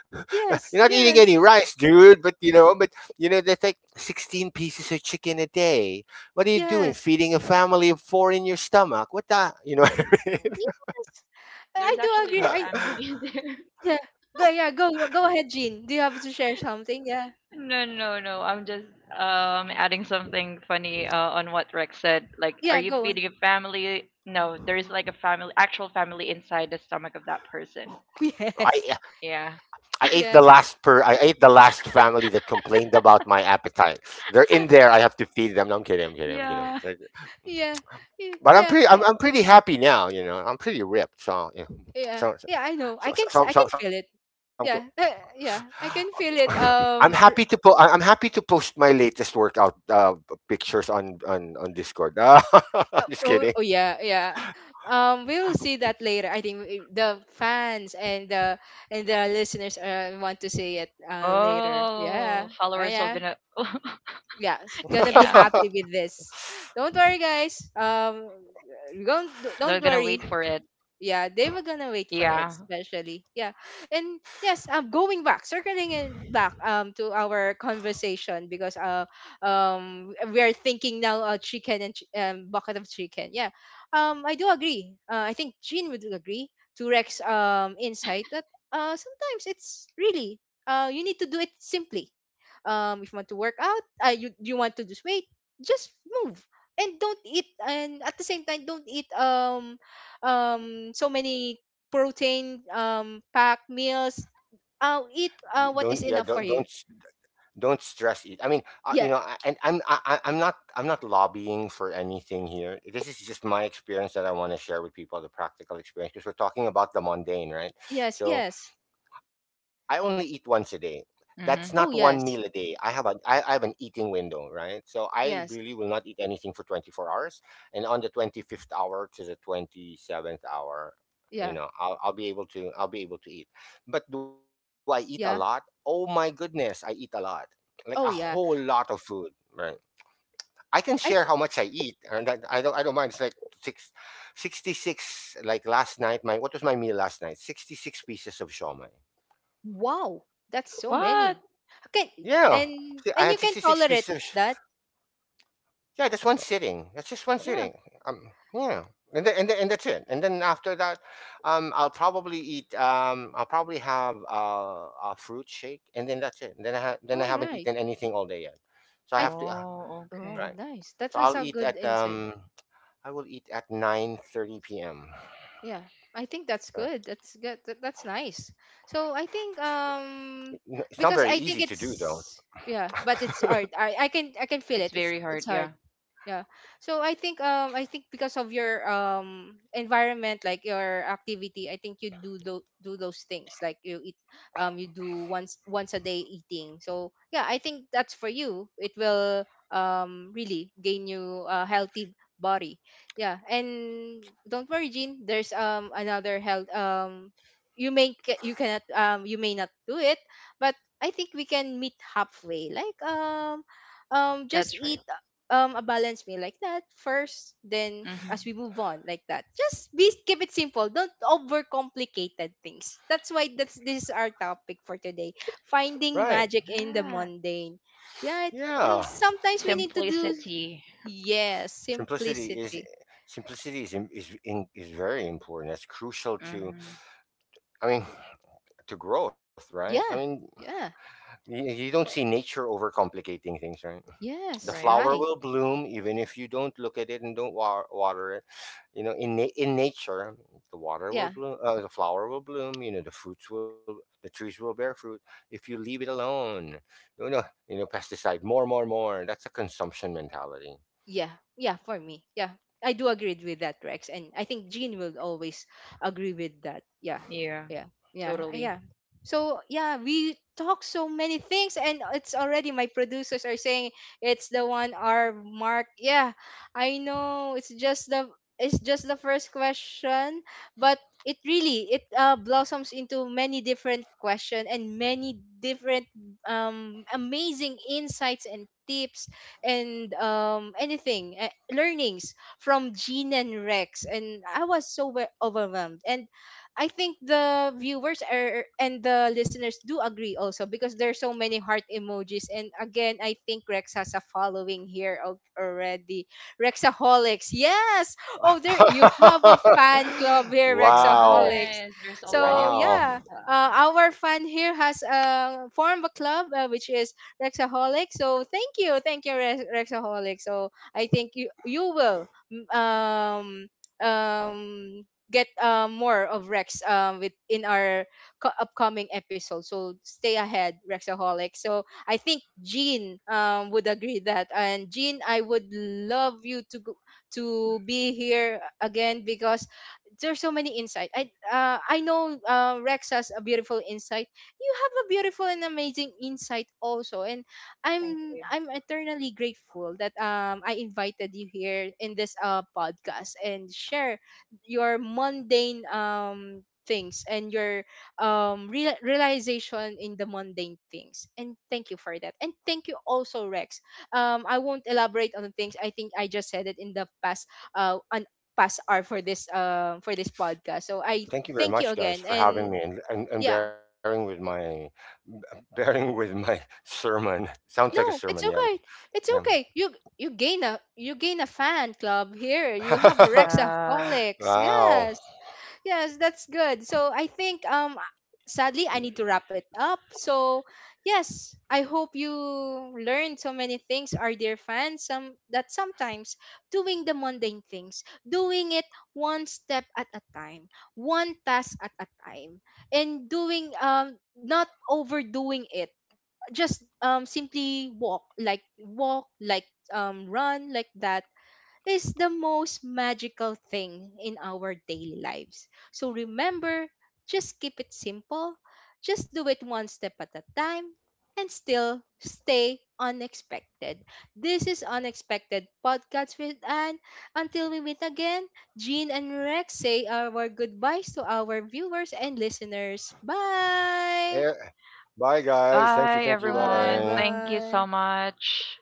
B: You're not eating
C: That's
B: any
A: Yes,
C: right.
B: rice,
A: yes,
B: dude. But you know, that's like 16 pieces of chicken a day. What are you doing?
A: yes,
B: Feeding a family of four in your stomach? What the? You know
C: Yeah.
B: what I mean?
A: yes.
C: There's
A: I do
C: actually like a
A: agree. I
C: family there.
A: Yeah. Go, yeah, go go ahead, Jean. Do you have to share something? Yeah.
C: No, No. I'm just adding something funny on what Rex said. Like, are
A: Yeah,
C: you
A: go on.
C: feeding a family? No, there is like a family, actual family inside the stomach of that person.
A: Yes.
B: I
C: Yeah.
B: I ate the
A: Yes.
B: last per I ate the last family that complained about my appetite. They're in there. I have to feed them. No, I'm kidding. I'm kidding. I'm kidding.
C: Yeah.
B: It's like—
A: Yeah. y-.
B: But I'm
A: Yeah.
B: pretty. I'm,
A: I-.
B: I'm pretty happy now. You know, I'm pretty ripped. So yeah.
A: Yeah.
B: So, so,
A: Yeah, I know. I
B: so, so,
A: can s-, I
B: so,
A: can
B: so,
A: feel
B: so
A: it. Yeah. Yeah. I can feel
B: I'm
A: it.
B: happy to po-
A: Um,
B: I-
A: r-,
B: I'm happy to post my latest workout pictures on Discord. Ah, just kidding.
A: oh, oh yeah, yeah. Um, we'll see that later. I think the fans and
C: Oh,
A: the
C: followers
A: listeners
C: are gonna.
A: want to see it later.
C: Yeah,
A: Yeah. Oh yeah. Yeah, she's gonna be happy with this.
C: they're
A: Don't
C: gonna
A: worry,
C: wait for it.
A: guys. Don't
C: Yeah.
A: don't worry. Yeah, they were gonna wait for it, especially. Yeah, and yes, I'm going back, circling and back to our conversation, because we are thinking now, chicken and bucket of chicken. Yeah, I do agree. I think Jean would agree to Rex insight that sometimes it's really, you need to do it simply. If you want to work out, you, you want to lose weight, just move. And don't eat, and at the same time, don't eat so many protein packed meals. I'll eat
B: Y- don't yeah,
A: what is enough for you.
B: don't stress it. I mean, you know,
A: Yeah.
B: I- and I'm I- I'm not lobbying for anything here. This is just my experience that I want to share with people, the practical experience, because we're talking about the mundane, right?
A: Yes.
B: So
A: Yes.
B: I only eat once a day.
C: Mhm.
B: That's not one meal a
A: Oh
B: day. I
A: yes.
B: have a I, I have an eating window, right? So I really will
A: Yes.
B: not eat anything for 24 hours. And on the 25th hour to the 27th hour, you
A: Yeah.
B: know, I'll be able to eat. But do I eat a lot? Oh
A: Yeah.
B: my goodness, I eat a lot. Like a whole
A: Oh
B: lot
A: yeah.
B: of food, right? I can share how
A: I
B: much I
A: th-,
B: eat, and that, I don't. I don't mind. It's like six, 66. Like last night, my what was my meal last night? 66 pieces of shawmai.
A: wow.
C: What?
A: That's so many. Okay.
B: Yeah.
A: and
B: See, I
A: and
B: had
A: you can
B: 66
A: tolerate
B: pieces of
A: that.
B: yeah, that's one sitting. That's just one
A: Yeah.
B: sitting. Yeah. And, then and, then and that's it. And then after that, I'll probably eat. I'll probably have a fruit shake, and then that's it. And then I
A: All
B: haven't
A: right.
B: eaten anything all day yet, so I
A: I
B: have
A: th-,
B: to.
C: Oh, okay.
A: oh
B: Right.
A: nice. That
B: So
A: was
B: I'll
A: a
B: eat
A: good
B: at.
A: insight.
B: Um, I will eat at 9:30 p.m.
A: Yeah, I think that's
B: Yeah.
A: good. That's good. That, that's nice. So I think,
B: It's not very easy
A: because
B: to
A: I
B: do,
A: think
B: though.
A: it's, yeah, but it's hard. I can, I can feel
C: It's
A: it. It's
C: very hard.
A: it's hard.
C: Yeah,
A: Yeah. So I think, I think, because of your environment, like your activity, I think you do tho-, do those things, like you eat, you do once, once a day eating. So yeah, I think that's for you. It will really gain you a healthy body. Yeah. And don't worry, Jean, there's another health you may ca-, you cannot you may not do it, but I think we can meet halfway. Like, just
C: that's right.
A: eat a balanced meal like that first, then
C: Mm-hmm.
A: as we move on. Like that, just be, keep it simple, don't overcomplicated things. That's why, that's, this is our topic for today, finding
B: Right.
A: magic in the
C: Yeah.
A: mundane. Yeah,
B: Yeah.
A: sometimes we need to do,
C: Simplicity.
A: yes,
B: Simplicity is
A: simplicity.
B: simplicity is im- is in, is very important. That's crucial to—
C: Mm-hmm.
B: I mean, to growth, right? I
A: Yeah,
B: mean,
A: yeah,
B: you don't see nature overcomplicating things, right? The
A: yes,
C: Right.
B: flower
A: right,
B: will bloom even if you don't look at it and don't water it. You know, in nature,
A: yeah.
B: the flower will bloom. You know, the trees will bear fruit if you leave it alone. You know, pesticide, more, more, more. That's a consumption mentality.
A: Yeah, yeah, for me. Yeah. I do agree with that, Rex. And I think Jean will always agree with that. Yeah.
C: Yeah.
A: Yeah. Yeah.
C: Totally.
A: Yeah. So yeah, we talk so many things, and it's already, my producers are saying, it's the 1 hour mark. Yeah. I know it's just the, it's just the first question, but it really it blossoms into many different question and many different amazing insights and tips, and anything learnings from Gene and Rex. And I was so overwhelmed. And I think the viewers are, and the listeners do agree also, because there's so many heart emojis. And again, I think Rex has a following here al- already. Rexaholics, yes. Oh, there, you have a fan club here.
B: Wow, wow,
A: Rexaholics.
C: Nice. There's already
A: So
C: a
B: wow.
C: pen.
A: yeah,
C: Wow.
A: our fan here has formed a club, which is Rexaholic. So thank you, Rex-, Rexaholic. So I think you, you will, mm, um um get more of Rex with in our co-, upcoming episode. So stay ahead, Rexaholic. So I think Jean would agree that, and Jean, I would love you to go, to be here again, because there's so many insight. I know Rex has a beautiful insight. You have a beautiful and amazing insight also. And
C: Thank
A: i'm
C: you.
A: i'm eternally grateful that I invited you here in this podcast, and share your mundane things and your real, realization in the mundane things. And thank you for that. And thank you also, Rex. Um, I won't elaborate on the things. I think I just said it in the past on past hour for this podcast. So I,
B: Thank you very
A: thank you
B: much, guys,
A: again,
B: for having
A: and
B: me and,
A: yeah.
B: bearing with my bearing with my sermon. Sounds like a sermon,
A: No,
B: yeah.
A: it's
B: But,
A: okay.
B: yeah.
A: It's okay. You gain a, you gain a fan club here. You have a
C: Yeah.
A: Rexaholics.
B: Wow.
A: Yes. Yes, that's good. So I think, sadly I need to wrap it up. So yes, I hope you learned so many things, our dear fans. Some that sometimes doing the mundane things, doing it one step at a time, one task at a time, and doing, not overdoing it, just, simply walk, like walk, like, run like that, is the most magical thing in our daily lives. So remember, just keep it simple, just do it one step at a time, and still stay unexpected. This is Unexpected Podcast with Anne. Until we meet again, Jean and Rex, say our goodbyes to our viewers and listeners.
B: Eh,
A: Bye,
B: Bye, guys. Thank you. Thank you.
C: Bye,
B: Bye.
A: bye,
C: everyone. Thank you so
A: bye.
C: much.